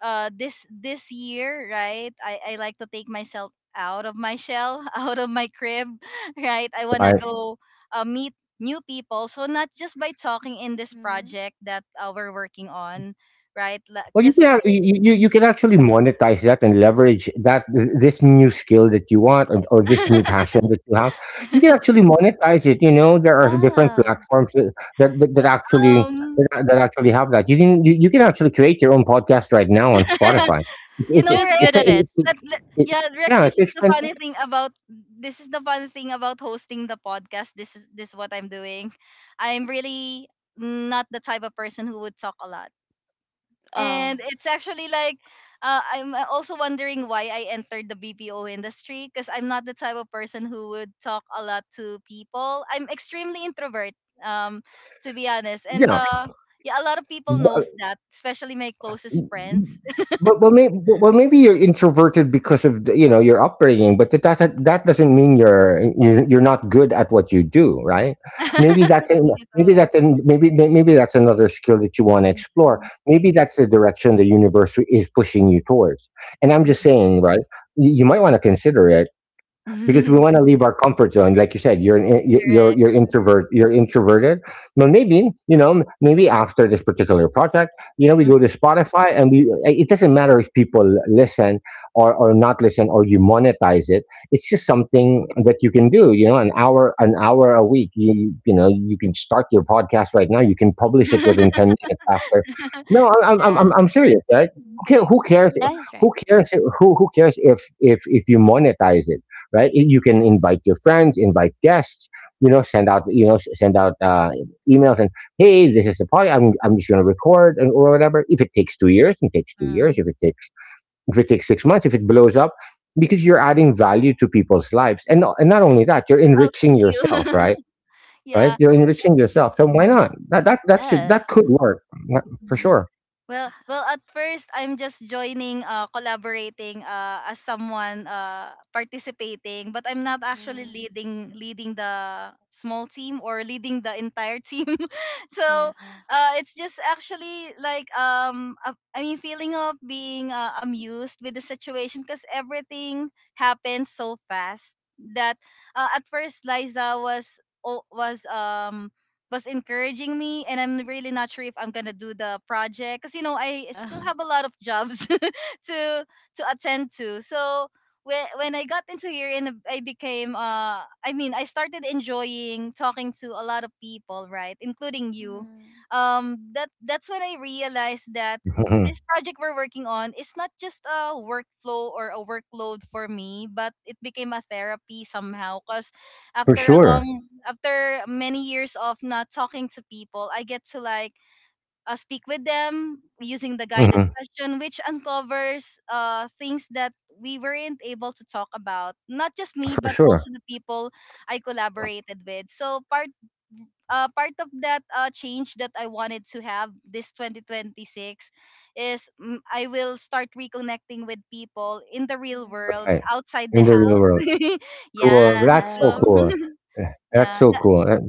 [SPEAKER 1] this year, right, I like to take myself out of my shell, out of my crib, right? I want to go meet new people, so not just by talking in this
[SPEAKER 3] Mm-hmm.
[SPEAKER 1] project that we're working on, right?
[SPEAKER 2] Well, you
[SPEAKER 1] Because
[SPEAKER 2] can you can actually monetize that and leverage that, this new skill that you want, or, this new passion that you have. You can actually monetize it. You know there are different
[SPEAKER 3] Yeah.
[SPEAKER 2] platforms that that, that, that actually
[SPEAKER 1] um
[SPEAKER 2] that actually have that. You you can actually create your own podcast right now on Spotify.
[SPEAKER 3] Yes.
[SPEAKER 1] you
[SPEAKER 2] It,
[SPEAKER 3] She
[SPEAKER 2] it,
[SPEAKER 1] know,
[SPEAKER 3] was
[SPEAKER 2] it's
[SPEAKER 3] good
[SPEAKER 1] Rex,
[SPEAKER 3] at
[SPEAKER 2] it,
[SPEAKER 3] it.
[SPEAKER 2] it,
[SPEAKER 1] that, that
[SPEAKER 2] it-
[SPEAKER 1] yeah, Rex,
[SPEAKER 2] Yeah, it takes ten minutes.
[SPEAKER 1] this is the funny thing about hosting the podcast. This is what I'm doing. I'm really not the type of person who would talk a lot, and
[SPEAKER 3] Oh.
[SPEAKER 1] it's actually like I'm also wondering why I entered the BPO industry, because I'm not the type of person who would talk a lot to people. I'm extremely introvert, um, to be honest, and
[SPEAKER 2] Yeah,
[SPEAKER 1] yeah, a lot of people knows that, especially my closest friends.
[SPEAKER 2] but, well, maybe you're introverted because of the, you know your upbringing, but that doesn't mean you're not good at what you do, right? Maybe that's an,
[SPEAKER 1] Thank you so
[SPEAKER 2] maybe
[SPEAKER 1] much.
[SPEAKER 2] that's an, maybe may- Maybe that's another skill that you want to explore.
[SPEAKER 1] Mhm.
[SPEAKER 2] Maybe that's the direction the universe is pushing you towards. And I'm just
[SPEAKER 1] Mhm.
[SPEAKER 2] saying, right? You might want to consider it, because we want to leave our comfort zone. Like you said, you're an, in- you-
[SPEAKER 1] Correct.
[SPEAKER 2] you're
[SPEAKER 3] Mm-hmm.
[SPEAKER 2] introvert, you're introverted. But maybe, maybe after this particular project, you know, we go
[SPEAKER 1] Mhm.
[SPEAKER 2] to Spotify, and we. It doesn't matter if people listen or not listen, or you monetize it. It's just something that you can do. You know, an hour a week. You can start your podcast right now. You can publish it within 10 minutes after. No,
[SPEAKER 3] Yeah.
[SPEAKER 2] I'm serious, right? Who cares?
[SPEAKER 1] Okay.
[SPEAKER 2] Who cares?
[SPEAKER 3] Yeah, he's
[SPEAKER 2] Who
[SPEAKER 3] right.
[SPEAKER 2] cares? Who cares if you monetize it, right? You can invite your friends, invite guests, you know, send out, send out, emails, and, hey, this is the party. I'm just going to record and or whatever. If it takes 2 years, it takes 2 years.
[SPEAKER 1] Mm.
[SPEAKER 2] If it takes 6 months, if it blows up, because you're adding value to people's lives. And, not only that, you're
[SPEAKER 1] Oh,
[SPEAKER 2] enriching
[SPEAKER 1] thank you.
[SPEAKER 2] yourself, right? Right?
[SPEAKER 1] Yeah.
[SPEAKER 2] You're enriching yourself. So why not? That
[SPEAKER 3] Yes.
[SPEAKER 2] could work for
[SPEAKER 1] Mhm.
[SPEAKER 2] sure.
[SPEAKER 1] Well,
[SPEAKER 3] Yeah.
[SPEAKER 1] well, at first I'm just joining, collaborating, as someone, participating, but I'm not actually
[SPEAKER 3] Mm-hmm.
[SPEAKER 1] leading the small team or leading the entire team. So,
[SPEAKER 3] Yeah.
[SPEAKER 1] it's just actually like I mean, feeling of being amused with the situation because everything happened so fast that at first Liza was o- was um was encouraging me, and I'm really not sure if I'm going to do the project cuz you know I
[SPEAKER 3] Yeah.
[SPEAKER 1] still have a lot of jobs to to attend to. So when I got into here and I became I mean I started enjoying talking to a lot of people, right? Including you.
[SPEAKER 3] Mm-hmm.
[SPEAKER 1] That's when I realized that
[SPEAKER 2] Mhm.
[SPEAKER 1] this project we're working on is not just a workflow or a workload for me, but it became a therapy somehow cuz
[SPEAKER 2] For
[SPEAKER 1] after a
[SPEAKER 2] sure.
[SPEAKER 3] Mm-hmm.
[SPEAKER 1] long after many years of not talking to people, I get to like speak with them using the guided
[SPEAKER 2] Hmm.
[SPEAKER 1] question, which uncovers things that we weren't able to talk about, not just me
[SPEAKER 2] For
[SPEAKER 1] but
[SPEAKER 2] sure.
[SPEAKER 1] also the people I collaborated with. So part of that change that I wanted to have this 2026 is, I will start reconnecting with people in the real world
[SPEAKER 3] Mm-hmm.
[SPEAKER 2] Right.
[SPEAKER 1] outside the
[SPEAKER 2] In the real
[SPEAKER 1] house.
[SPEAKER 2] world.
[SPEAKER 1] Yeah.
[SPEAKER 2] Cool. That's so
[SPEAKER 1] So
[SPEAKER 3] Yes.
[SPEAKER 2] cool. Yeah, that's
[SPEAKER 1] yeah,
[SPEAKER 2] so cool. That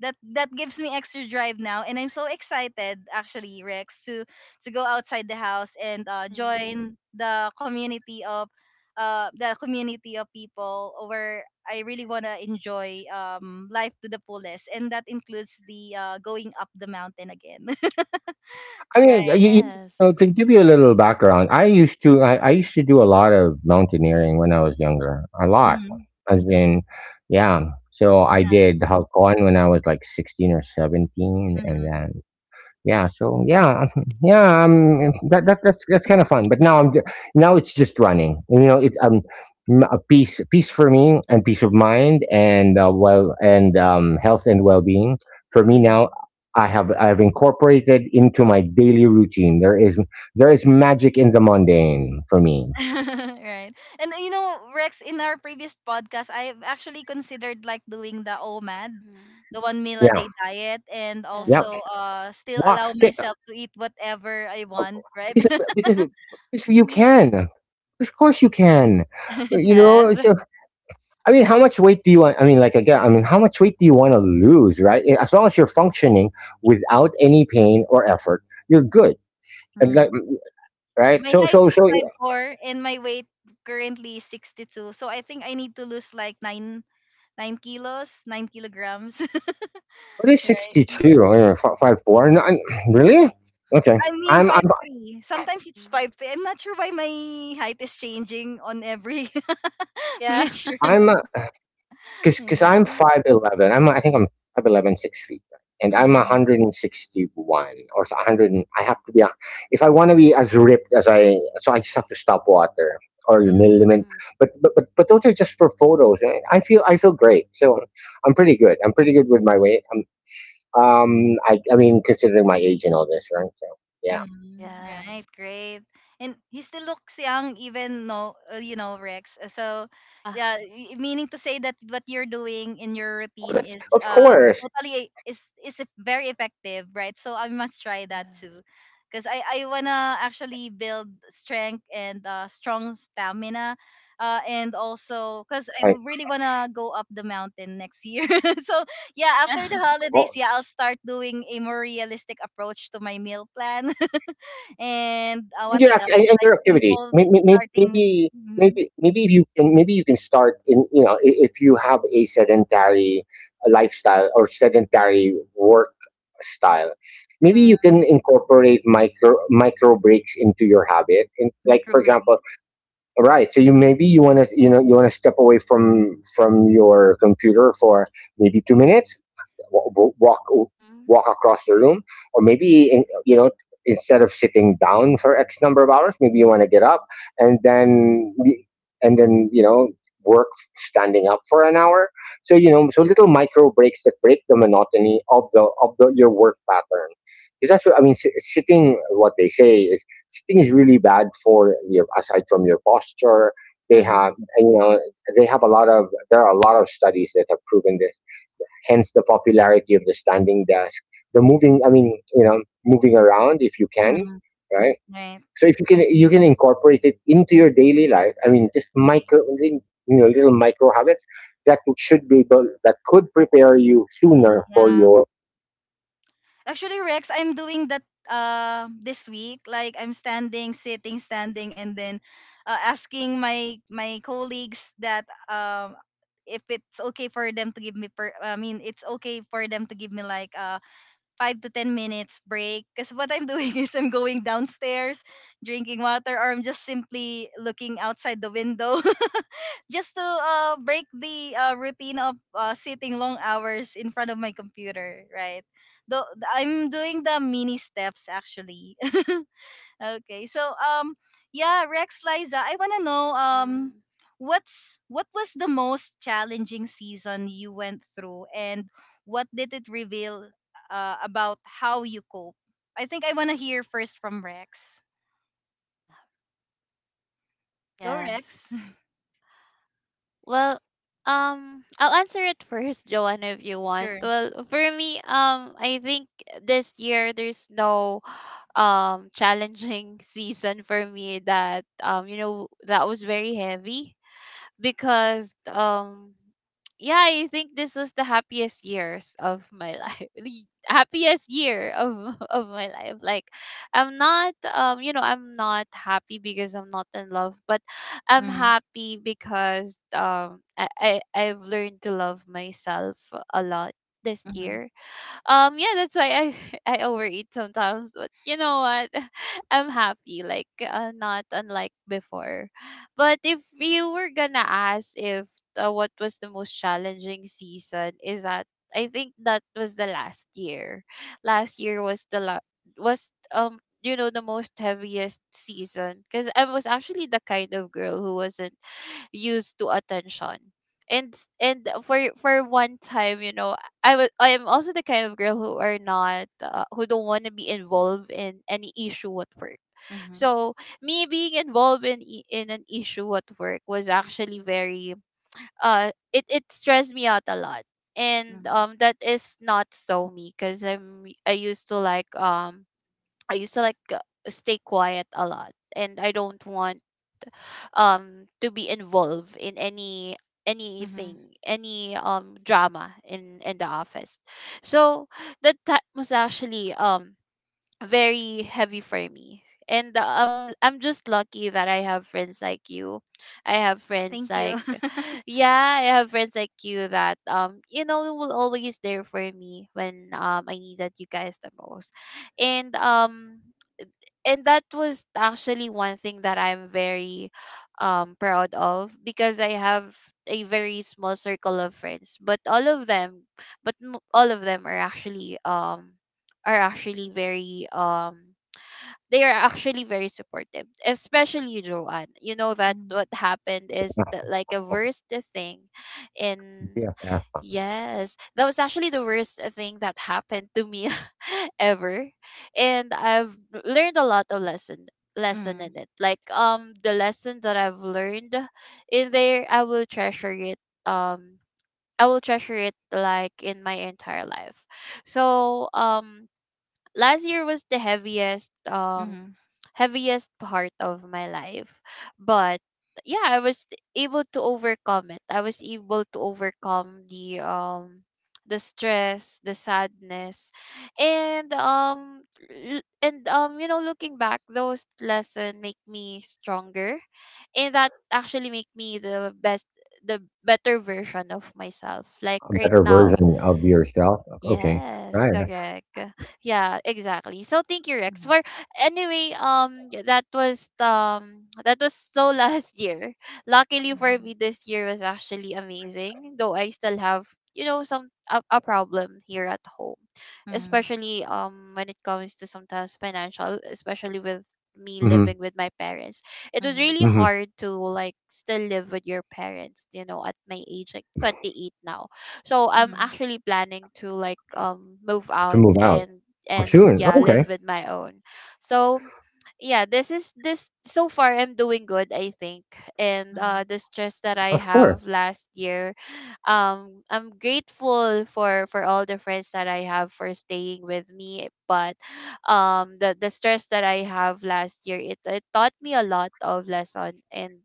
[SPEAKER 1] that gives me extra drive now, and I'm so excited actually, Rex, to go outside the house and
[SPEAKER 3] Mm-hmm.
[SPEAKER 1] join the community of people where I really want to enjoy life to the fullest, and that includes the going up the mountain again.
[SPEAKER 2] I mean,
[SPEAKER 1] Right.
[SPEAKER 3] Yes.
[SPEAKER 2] to give you a little background, I used to do a lot of mountaineering when I was younger. A lot.
[SPEAKER 1] Hmm.
[SPEAKER 2] As in, yeah. So I
[SPEAKER 1] Yeah.
[SPEAKER 2] did Halcon when I was like 16 or 17, and
[SPEAKER 1] Mm-hmm.
[SPEAKER 2] then, yeah, so yeah, yeah, that's kind of fun. But now, now it's just running. You know, it's, a peace for me, and peace of mind, and, well, and, health and well being for me now. I have incorporated into my daily routine. There is magic in the mundane for me.
[SPEAKER 1] Right. And you know, Rex, in our previous podcast, I've actually considered like doing the OMAD,
[SPEAKER 3] Mm-hmm.
[SPEAKER 1] the one meal a
[SPEAKER 2] Yeah,
[SPEAKER 1] day diet, and
[SPEAKER 2] yep.
[SPEAKER 1] also
[SPEAKER 3] Yes.
[SPEAKER 1] still
[SPEAKER 2] Why?
[SPEAKER 1] allow
[SPEAKER 2] Because,
[SPEAKER 1] myself to eat whatever I want, right?
[SPEAKER 2] because, because you
[SPEAKER 1] Hmm.
[SPEAKER 2] can. Of course you can. You know,
[SPEAKER 3] Yes.
[SPEAKER 2] it's I mean, how much weight do you want? I mean, like, again, I mean, how much weight do you want to lose, right? As long as you're functioning without any pain or effort, you're good. And like, right?
[SPEAKER 1] My
[SPEAKER 2] So,
[SPEAKER 1] height is 5'4", and my weight currently is 62. So I think I need to lose like 9 kilos, 9 kilograms.
[SPEAKER 2] what is sixty
[SPEAKER 1] Right.
[SPEAKER 2] two? 5'4"? No, really? Okay.
[SPEAKER 1] I mean,
[SPEAKER 2] I'm,
[SPEAKER 1] 5'3". Sometimes it's
[SPEAKER 3] Mm-hmm.
[SPEAKER 1] 5'3". I'm not sure why my height is changing on every
[SPEAKER 3] Yeah.
[SPEAKER 1] measuring.
[SPEAKER 2] I'm. Cause, I'm
[SPEAKER 1] Mm,
[SPEAKER 2] 5'11". I think I'm 5'11" 6 feet. And I'm
[SPEAKER 1] mm,
[SPEAKER 2] 161 or so 100. I have to be, if I want to be as ripped as so I just have to stop water or
[SPEAKER 1] mm,
[SPEAKER 2] limit.
[SPEAKER 3] mm-hmm.
[SPEAKER 2] But those are just for photos. And I feel great. So I'm pretty good. I'm pretty good with my weight. Um,
[SPEAKER 3] Mm-hmm.
[SPEAKER 2] um, I, I mean, considering my age and all this, right? So yeah,
[SPEAKER 1] mm. Right,
[SPEAKER 3] Yes.
[SPEAKER 1] great. And he still looks young, even no, you know, Rex. So,
[SPEAKER 3] Yeah.
[SPEAKER 1] yeah, meaning to say that what you're doing in your
[SPEAKER 2] well, that's,
[SPEAKER 1] routine is
[SPEAKER 2] of course.
[SPEAKER 1] totally very effective, right? So I must try that too,
[SPEAKER 3] Yes.
[SPEAKER 1] because I wanna actually build strength and strong stamina, and also because I
[SPEAKER 2] Right.
[SPEAKER 1] really wanna go up the mountain next year. So yeah,
[SPEAKER 3] Yeah.
[SPEAKER 1] after the holidays, yeah, I'll start doing a more realistic approach to my meal plan. And
[SPEAKER 2] and
[SPEAKER 1] what
[SPEAKER 2] your ac-
[SPEAKER 1] else?
[SPEAKER 2] and and your
[SPEAKER 1] Like
[SPEAKER 2] activity.
[SPEAKER 1] simple
[SPEAKER 2] May- may- may-
[SPEAKER 1] starting,
[SPEAKER 2] Maybe
[SPEAKER 1] mm-hmm,
[SPEAKER 2] maybe maybe if you can, maybe you can start in, if you have a sedentary lifestyle or sedentary work style, maybe
[SPEAKER 1] mm,
[SPEAKER 2] you can incorporate micro breaks into your habit. And like
[SPEAKER 1] micro
[SPEAKER 2] for example,
[SPEAKER 1] breaks.
[SPEAKER 2] right. So you maybe you want to, you want to step away from your computer for maybe 2 minutes, wa- wa- walk
[SPEAKER 3] Mm-hmm.
[SPEAKER 2] walk across the room, or you know, instead of sitting down for X number of hours, maybe you want to get up and then and then you know work standing up for an hour. So you know, so little micro breaks that break the monotony of the your
[SPEAKER 3] Mm-hmm.
[SPEAKER 2] work pattern, because that's what I mean. Sitting, what they say is, sitting is really bad for your, aside from your posture. They
[SPEAKER 1] Mm-hmm,
[SPEAKER 2] have, and, you know, they have a lot of. There are a lot of studies that have proven this. Hence, the popularity of the standing desk, the moving. I mean, you know, moving around if you can,
[SPEAKER 1] mm-hmm,
[SPEAKER 2] right?
[SPEAKER 1] right.
[SPEAKER 2] So if you can, you can incorporate it into your daily life. I mean, just micro, you know, little micro habits that should be able, that could prepare you sooner for
[SPEAKER 1] Yeah.
[SPEAKER 2] your.
[SPEAKER 1] Actually, Rex, I'm doing that this week. Like I'm standing, sitting, standing, and then asking my colleagues that if it's okay for them to give me per I mean it's okay for them to give me like 5 to 10 minutes break. Because what I'm doing is I'm going downstairs, drinking water, or I'm just simply looking outside the window just to break the routine of sitting long hours in front of my computer, right? Though I'm doing the mini steps actually. Okay. So yeah, Rex Liza, I wanna know
[SPEAKER 3] Hmm.
[SPEAKER 1] what was the most challenging season you went through and what did it reveal about how you cope? I think I wanna hear first from Rex.
[SPEAKER 3] Yeah.
[SPEAKER 1] Go
[SPEAKER 3] Yes.
[SPEAKER 1] Rex.
[SPEAKER 3] Well, I'll answer it first, Joanna, if you want.
[SPEAKER 1] Sure.
[SPEAKER 3] Well, for me, I think this year there's no challenging season for me that you know that was very heavy because yeah, I think this was the happiest years of my life. The happiest year of of my life. Like I'm not you know, I'm not happy because I'm not in love, but I'm
[SPEAKER 1] Mm,
[SPEAKER 3] happy because I've learned to love myself a lot this
[SPEAKER 1] mm-hmm,
[SPEAKER 3] year. Yeah, that's why I I overeat sometimes, but you know what, I'm happy like not unlike before, but if you were gonna ask if what was the most challenging season is that I think that was the last year. last year was the la- was you know the most heaviest season because I was actually the kind of girl who wasn't used to attention. And and for one time, you know, I am also the kind of girl who are not who don't want to be involved in any issue at work.
[SPEAKER 1] mm-hmm,
[SPEAKER 3] So me being involved in in an issue at work was actually very it it stressed me out a lot. And
[SPEAKER 1] mm-hmm,
[SPEAKER 3] that is not so me because I used to like I used to like stay quiet a lot, and I don't want to be involved in any
[SPEAKER 1] mm-hmm.
[SPEAKER 3] any drama in the office. So that time was actually very heavy for me, and I'm just lucky that I have friends like you. I have friends
[SPEAKER 1] Thank you.
[SPEAKER 3] like Yeah, I have friends like you that you know will always there for me when I needed you guys the most. And and that was actually one thing that I'm very proud of because I have a very small circle of friends, but all of them are actually very they are actually very supportive, especially you, Joanne. You know that what
[SPEAKER 1] Mm,
[SPEAKER 3] happened is that like a worst thing
[SPEAKER 2] yeah,
[SPEAKER 3] in.
[SPEAKER 2] yeah,
[SPEAKER 3] Yes, that was actually the worst thing that happened to me ever. And I've learned a lot of lesson
[SPEAKER 1] mm,
[SPEAKER 3] in it. Like the lesson that I've learned in there I will treasure it um I will treasure it like in my entire life. So last year was the
[SPEAKER 1] mhm,
[SPEAKER 3] heaviest part of my life, but yeah, I was able to overcome it. I was able to overcome the stress, the sadness, and you know looking back those lessons make me stronger, and that actually make me the better version of myself like
[SPEAKER 2] a
[SPEAKER 3] right
[SPEAKER 2] better
[SPEAKER 3] now.
[SPEAKER 2] version of yourself. Okay,
[SPEAKER 3] Yes,
[SPEAKER 2] right.
[SPEAKER 3] correct. Yeah, exactly. So thank you, Rex.
[SPEAKER 1] mhm,
[SPEAKER 3] For anyway, that was so last year. Luckily for
[SPEAKER 1] mhm,
[SPEAKER 3] me, this year was actually amazing. Though I still have, you know, a problem here at home,
[SPEAKER 1] mhm,
[SPEAKER 3] especially when it comes to sometimes financial, especially with me
[SPEAKER 2] Mm-hmm.
[SPEAKER 3] living with my parents. It was
[SPEAKER 1] mhm,
[SPEAKER 3] really
[SPEAKER 2] Mm-hmm.
[SPEAKER 3] hard to like still live with your parents, you know, at my age, like 28 now. So I'm
[SPEAKER 1] mhm,
[SPEAKER 3] actually planning to like move
[SPEAKER 2] To
[SPEAKER 3] out
[SPEAKER 2] move out. Oh,
[SPEAKER 3] and
[SPEAKER 2] soon.
[SPEAKER 3] yeah,
[SPEAKER 2] Oh, okay.
[SPEAKER 3] live with my own. So yeah, this is this so far I'm doing good, I think. And
[SPEAKER 1] mhm.
[SPEAKER 3] the stress that I
[SPEAKER 2] Of course.
[SPEAKER 3] have last year, I'm grateful for all the friends that I have for staying with me, but the stress that I have last year, it taught me a lot of lesson, and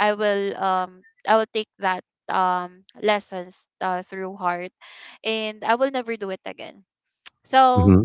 [SPEAKER 3] I will take that lessons through heart, and I will never do it again.
[SPEAKER 2] Mhm.
[SPEAKER 3] So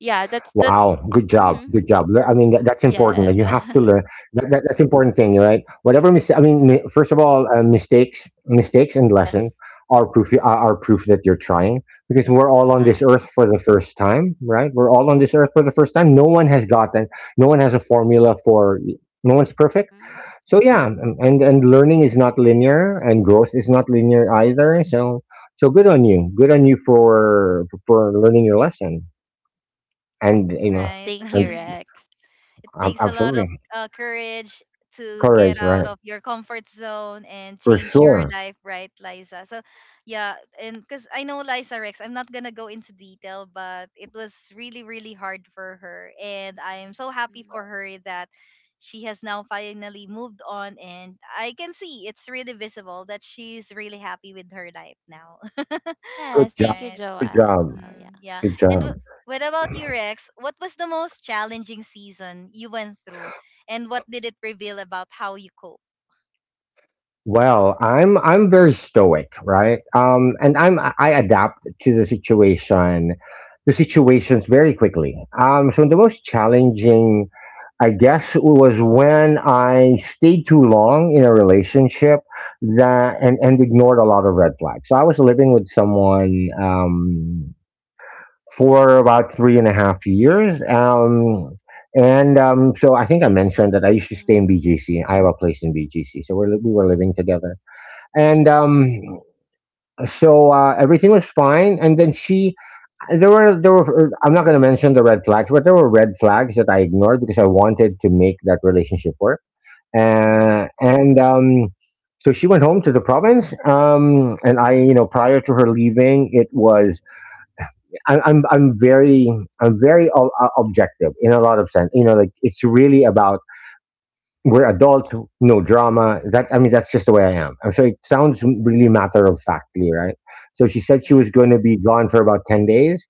[SPEAKER 3] yeah,
[SPEAKER 2] Good
[SPEAKER 3] that's
[SPEAKER 2] job. Good job.
[SPEAKER 3] mm-hmm.
[SPEAKER 2] I mean, that, that's important. That You have
[SPEAKER 3] Yes.
[SPEAKER 2] to learn. That's important thing, right? Whatever mistake.
[SPEAKER 3] Hmm.
[SPEAKER 2] First of all, mistakes and
[SPEAKER 3] Yes.
[SPEAKER 2] lessons are proof. Are proof that you're trying, because we're all on
[SPEAKER 3] Yeah.
[SPEAKER 2] this earth for the first time, right? We're all on this earth for the first time. No one has gotten. No one has a formula for. No one's perfect.
[SPEAKER 3] Hmm.
[SPEAKER 2] So yeah, and learning is not linear and growth is not linear either, so good on you, good on you for learning your lesson. And you know,
[SPEAKER 3] Yes,
[SPEAKER 1] Right.
[SPEAKER 3] thank
[SPEAKER 2] and
[SPEAKER 3] you, Rex.
[SPEAKER 1] It takes a lot of
[SPEAKER 2] absolutely,
[SPEAKER 1] courage to get
[SPEAKER 2] courage,
[SPEAKER 3] Hmm.
[SPEAKER 1] out
[SPEAKER 2] right,
[SPEAKER 1] of your comfort zone and
[SPEAKER 2] for
[SPEAKER 1] change your
[SPEAKER 2] sure.
[SPEAKER 1] life, right, Liza? So, yeah, and because I know Liza Rex, I'm not gonna go into detail, but it was really, really hard for her, and I'm so happy for her that she has now finally moved on, and I can see it's really visible that she's really happy with her life now,
[SPEAKER 2] Good
[SPEAKER 3] Yes,
[SPEAKER 2] job,
[SPEAKER 3] thank you,
[SPEAKER 1] right?
[SPEAKER 2] good
[SPEAKER 3] Joanne.
[SPEAKER 2] job,
[SPEAKER 3] Well, yeah.
[SPEAKER 1] Mm, yeah.
[SPEAKER 2] good
[SPEAKER 1] And
[SPEAKER 2] job.
[SPEAKER 1] wh- what about you, Rex? What was the most challenging season you went through, and what did it reveal about how you cope?
[SPEAKER 2] Well, I'm very stoic, right? And I adapt to the situation, to situations very quickly. So the most challenging, I guess, was when I stayed too long in a relationship that and ignored a lot of red flags. So I was living with someone, for about three and a half years. And So I think I mentioned that I used to stay in
[SPEAKER 3] Hmm.
[SPEAKER 2] BGC. I have a place in BGC, so we're, we were
[SPEAKER 1] Mm,
[SPEAKER 2] living together. And everything was fine, and then she, there were, I'm not going to mention the red flags, but there were red flags that I ignored because I wanted to make that relationship work.
[SPEAKER 1] mhm,
[SPEAKER 2] And
[SPEAKER 3] Hmm.
[SPEAKER 2] So she went home to the province, um, and I, you know, prior to her leaving, it was, I'm very, I'm very objective in a lot of sense, you know, like it's really about, we're adults, no drama. That I mean, that's just the way I am. I'm sure it sounds really matter of factly, right? So she said she
[SPEAKER 3] Yeah.
[SPEAKER 2] was going to be gone for about 10 days,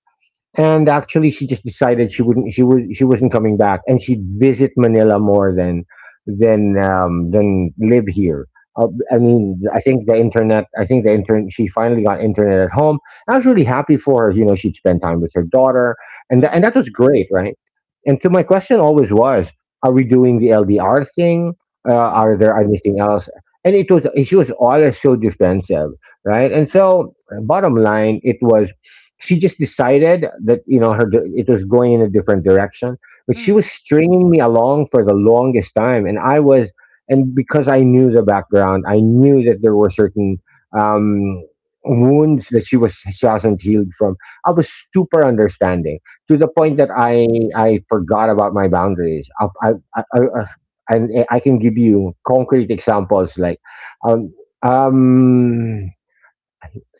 [SPEAKER 2] and actually she just decided she wouldn't, she wasn't coming back, and she'd visit Manila more than, than live here. uh, I
[SPEAKER 1] mhm,
[SPEAKER 2] mean, I think the internet, she finally got internet at home. I was really happy for her, you know, she'd spend time with her daughter. And that was great, right? And so my question always was, are we doing the LDR thing, are
[SPEAKER 1] mhm,
[SPEAKER 2] there anything else? And it was, she was always so defensive, right? And so, bottom line it was, she just decided that, you know, it was going in a different direction, but she was
[SPEAKER 1] mhm,
[SPEAKER 2] stringing me along for the longest time. And I was, and because I knew the background, I knew that there were certain, um, wounds that she hasn't healed from. I was super understanding, to the point that
[SPEAKER 1] mhm,
[SPEAKER 2] I forgot about my boundaries. I And I can give you concrete examples, like, um,
[SPEAKER 3] Hmm.
[SPEAKER 2] um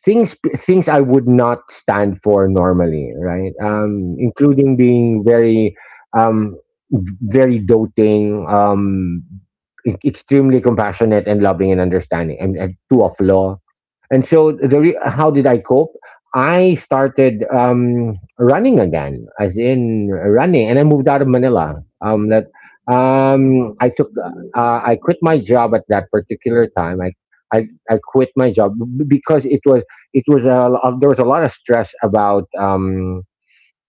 [SPEAKER 2] things, things I would not stand for normally, right?
[SPEAKER 1] mhm,
[SPEAKER 2] Including being very, um, very doting, extremely compassionate and loving and understanding, and too
[SPEAKER 1] mhm,
[SPEAKER 2] of
[SPEAKER 1] mhm,
[SPEAKER 2] law. And so how did I cope? I started, running again, as in running, and I moved out of Manila. Um, I took, I quit my job at that particular time. I quit my job because it was, there was a lot of stress about,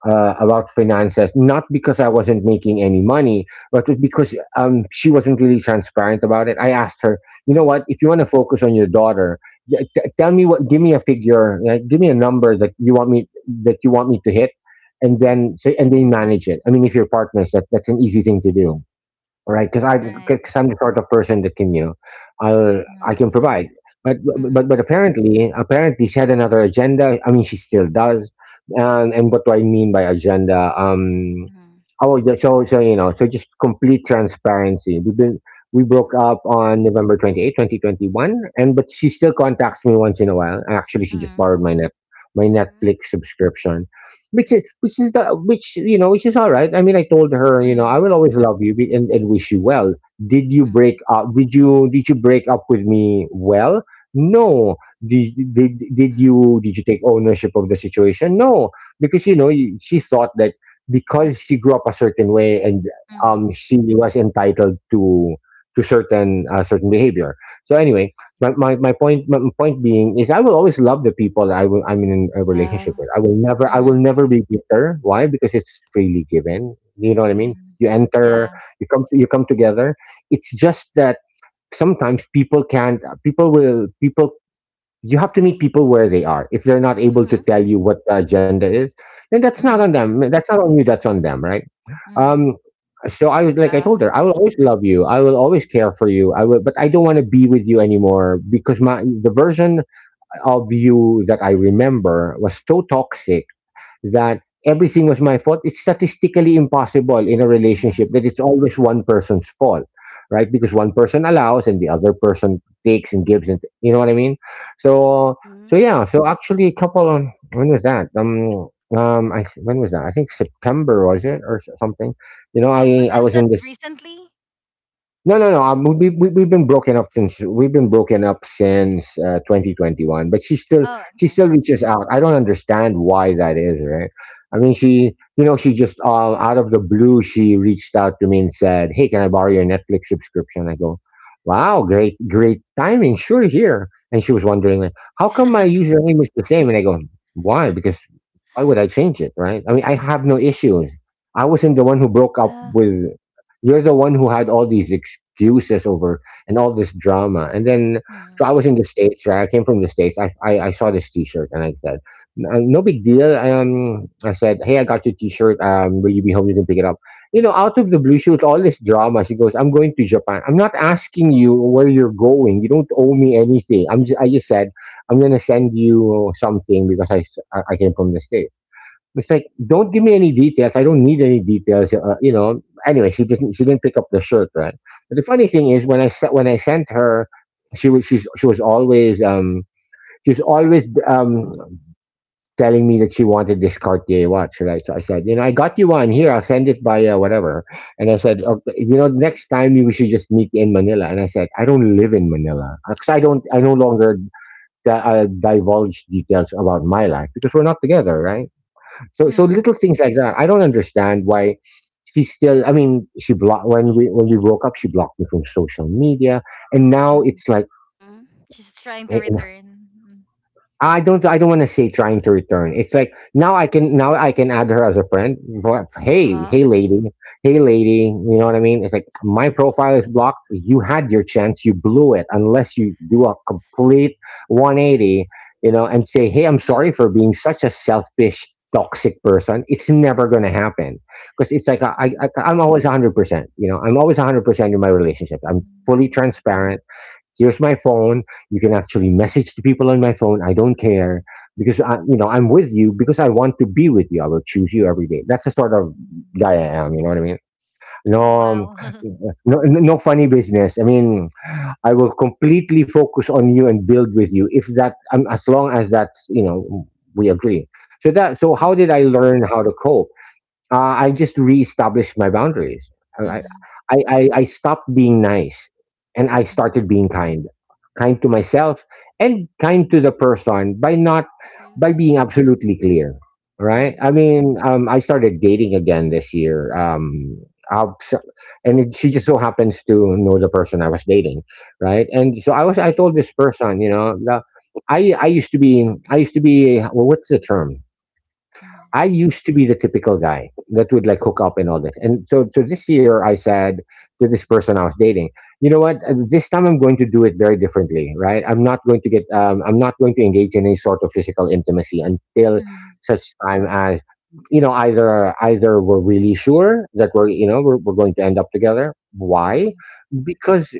[SPEAKER 2] about finances. Not because I wasn't making any money, but because, she wasn't really transparent about it. I asked her, you know what,
[SPEAKER 1] mhm,
[SPEAKER 2] if you want to focus on your daughter, tell me what, give me a figure, like, give me a number that you want me, to hit, and then
[SPEAKER 1] mhm,
[SPEAKER 2] say, and then manage it. I mean, if you're partners, that's an easy thing to do, right? Because
[SPEAKER 1] right.
[SPEAKER 2] I'm the sort of person that can, you know, I can
[SPEAKER 1] Mhm,
[SPEAKER 3] Yeah.
[SPEAKER 2] provide. But but
[SPEAKER 1] mhm,
[SPEAKER 2] but apparently apparently she had another agenda. I mean, she still does. And what do I mean by agenda?
[SPEAKER 1] mhm,
[SPEAKER 2] Oh yeah. So, just complete transparency. We broke
[SPEAKER 3] Hmm.
[SPEAKER 2] up on November 28, 2021, and but she still contacts me once in a while. Actually, she just
[SPEAKER 1] mhm,
[SPEAKER 2] borrowed my net my
[SPEAKER 3] Hmm.
[SPEAKER 2] Netflix subscription, which is, which, you know, which is all right. I mean, I told her, you know, I will
[SPEAKER 1] mhm,
[SPEAKER 2] always love you, and wish you well. Did you break
[SPEAKER 1] mhm,
[SPEAKER 2] up? Did you break up with me? Well, no.
[SPEAKER 3] Hmm.
[SPEAKER 2] Did you take ownership of the situation? No, because, you know, she thought that because she grew up a certain way, and,
[SPEAKER 1] mhm,
[SPEAKER 2] um, she was entitled to, certain, certain behavior. So
[SPEAKER 3] Hmm.
[SPEAKER 2] anyway, my point being is, I will always love the people I, will I'm in a
[SPEAKER 3] Yeah.
[SPEAKER 2] relationship with. I will
[SPEAKER 1] mhm,
[SPEAKER 2] never be bitter. Why? Because it's freely given. You know what I mean?
[SPEAKER 1] mhm.
[SPEAKER 2] You enter,
[SPEAKER 1] Yeah.
[SPEAKER 2] you come together. It's just that sometimes people can't, people will, people, you have to meet people where they are. If they're not able
[SPEAKER 3] Hmm.
[SPEAKER 2] to tell you what the agenda is, then that's not on
[SPEAKER 1] Mhm,
[SPEAKER 2] them. That's not on you, that's on them, right?
[SPEAKER 1] mhm,
[SPEAKER 2] Um, so I was like, I
[SPEAKER 3] Yeah.
[SPEAKER 2] told her, I will always love you, I will always care for you, I will, but I don't want to be with you anymore, because my the version of you that I remember was so toxic, that everything was my fault. It's statistically impossible in a relationship
[SPEAKER 1] mhm.
[SPEAKER 2] that it's always one person's fault, right? Because one person allows, and the other person takes and gives, and you know what I mean. So,
[SPEAKER 3] Mhm.
[SPEAKER 2] so yeah. So actually, a couple of, when was that? When was that? I think September was it, or something. You know,
[SPEAKER 1] Oh, was
[SPEAKER 2] I
[SPEAKER 1] just
[SPEAKER 2] was in
[SPEAKER 1] that
[SPEAKER 2] this,
[SPEAKER 1] recently?
[SPEAKER 2] no, no, no. We've been broken up since, 2021. But she still,
[SPEAKER 1] Oh, okay.
[SPEAKER 2] reaches out. I don't understand why that is, right? I mean, she, you know, she just, all out of the blue, she reached out to me and said, "Hey, can I borrow your Netflix subscription?" I go, "Wow, great timing. Sure, here." And she was wondering, like, "How come my username is the same?" And I go, "Why? Because Why would I change it, right? I mean, I have no issues. I wasn't the one who broke up
[SPEAKER 3] Yeah.
[SPEAKER 2] with. You're the one who had all these excuses over and all this drama. And then, so
[SPEAKER 1] Mm,
[SPEAKER 2] I was in the States, right? I came from the States. I saw this t shirt and I said, " no big deal. I said, hey, I got your t shirt. Will you be home? You can pick it up. You know, out of the blue, she was all this drama. She goes, I'm going to Japan. I'm not asking you where you're going. You don't owe me anything. I just said, I'm going to send you something because I, I came from the States. It's like, "Don't give me any details. I don't need any details." Anyway, She didn't pick up the shirt, right? But the funny thing is, when I sent her, she was always she was always telling me that she wanted this Cartier watch, right? So I said, you know, I got you one here. I'll send it by whatever. And I said, okay, you know, next time we should just meet in Manila. And I said, I don't live in Manila because I don't. I no longer divulge details about my life because we're not together, right? So
[SPEAKER 1] mm,
[SPEAKER 2] little things like that. I don't understand why she still. I mean, she blocked when we broke up. She blocked me from social media, and now
[SPEAKER 1] mm,
[SPEAKER 2] it's like.
[SPEAKER 3] Mhm.
[SPEAKER 1] she's trying to
[SPEAKER 2] eh,
[SPEAKER 1] return.
[SPEAKER 2] I don't want to say trying to return. It's like now I can add her as a friend. But
[SPEAKER 3] Uh-huh.
[SPEAKER 2] hey lady, you know what I mean? It's like my profile is blocked. You had your chance, you blew it unless you do a complete 180, you know, and say, "Hey, I'm
[SPEAKER 3] Mhm.
[SPEAKER 2] sorry for being such a selfish toxic person." It's never going to happen because it's like I, I
[SPEAKER 1] Mm,
[SPEAKER 2] I'm always 100%, you know. I'm always 100% in my relationships.
[SPEAKER 1] mm,
[SPEAKER 2] I'm fully
[SPEAKER 1] mm,
[SPEAKER 2] transparent. Here's my phone. You can actually message the people on my phone. I don't care because I I'm with you because I want to be with you. I will choose you every day. That's the sort of
[SPEAKER 1] mm.
[SPEAKER 2] guy I am, you know what I mean? no
[SPEAKER 1] Oh
[SPEAKER 2] um,
[SPEAKER 1] wow.
[SPEAKER 2] no, no funny business. I mean, I will completely focus on you and build with you if that as long as that's, we agree. So how did I
[SPEAKER 1] Mhm,
[SPEAKER 2] learn how to cope? uh, I just reestablished my boundaries. I,
[SPEAKER 1] mhm,
[SPEAKER 2] I stopped being nice and I
[SPEAKER 1] mhm,
[SPEAKER 2] started being kind. Kind to myself and kind to the person by not
[SPEAKER 3] Mhm.
[SPEAKER 2] by being absolutely clear. Right? I mean, I started dating again this year. I'll- so- and it, she just so happens to know the person I was dating, right? And so I was. I
[SPEAKER 3] Mhm.
[SPEAKER 2] told this person, I used to be, well, what's the term?
[SPEAKER 1] mhm, mhm,
[SPEAKER 2] I used to be the typical guy that would like hook up and all this. So this year I said to this person I was dating, you know what? This time I'm going to do it very differently, right? I'm not going to engage in any sort of physical intimacy until
[SPEAKER 1] mhm, mhm,
[SPEAKER 2] such time as, you know, either, we're really sure that we're going to end up together. Why?
[SPEAKER 1] mhm,
[SPEAKER 2] Because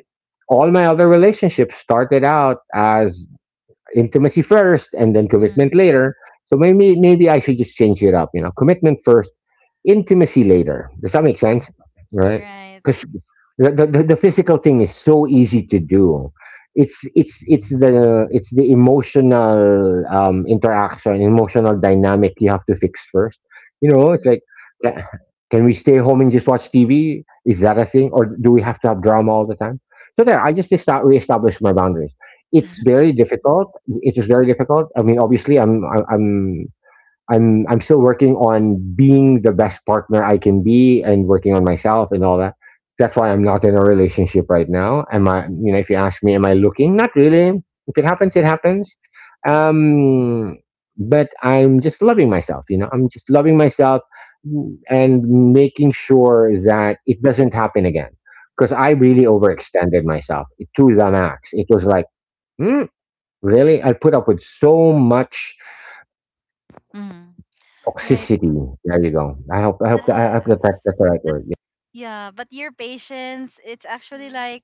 [SPEAKER 2] all my other relationships started out as intimacy first and then commitment
[SPEAKER 1] mhm.
[SPEAKER 2] later. So maybe I should just change it up. You know, commitment first, intimacy later. Does that make sense? Right?
[SPEAKER 3] Yeah.
[SPEAKER 1] Right.
[SPEAKER 2] Because the physical thing is so easy to do. It's it's the emotional interaction, emotional dynamic you have to fix first. You know, it's
[SPEAKER 1] Mhm,
[SPEAKER 2] like, ca- can we stay home and just watch TV? Is that a thing, or do we have to have drama all the time? So there, I just reestablished my boundaries. It's very difficult.
[SPEAKER 1] mhm,
[SPEAKER 2] It was very difficult. I mean, obviously, I'm I'm I'm still working on being the best partner I can be and working on myself and all that. That's why I'm not in a relationship right now. Am I? You know, if you ask me, am I looking? Not really. If it happens, it happens. Um, but I'm just loving myself. You know, I'm just loving myself and making sure
[SPEAKER 3] Mhm.
[SPEAKER 2] that it doesn't happen again. Because I really overextended myself to the max. It was like, hmm, really? I put up with so much
[SPEAKER 1] mhm. Right.
[SPEAKER 2] toxicity. There you go.
[SPEAKER 1] But
[SPEAKER 2] I hope that
[SPEAKER 3] Yes.
[SPEAKER 2] that's the right
[SPEAKER 1] but
[SPEAKER 2] word. Yeah.
[SPEAKER 1] yeah, but your patience, it's actually
[SPEAKER 3] Mhm.
[SPEAKER 1] like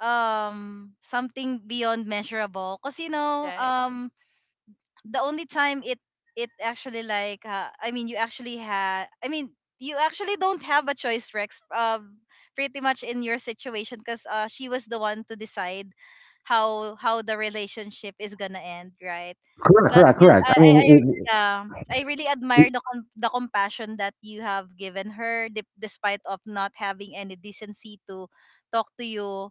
[SPEAKER 1] something beyond measurable. Cause you know,
[SPEAKER 3] Correct.
[SPEAKER 1] the only time it actually like you actually had I mean you actually don't have a choice Rex pretty much in your situation because she was the one to decide how the relationship is gonna end, right?
[SPEAKER 2] Correct,
[SPEAKER 1] but
[SPEAKER 2] correct,
[SPEAKER 1] yeah
[SPEAKER 2] correct. I
[SPEAKER 1] I, I I-
[SPEAKER 2] mean,
[SPEAKER 1] yeah I really
[SPEAKER 2] it,
[SPEAKER 1] admire
[SPEAKER 2] it,
[SPEAKER 1] the the compassion that you have given her despite of not having any decency to talk to you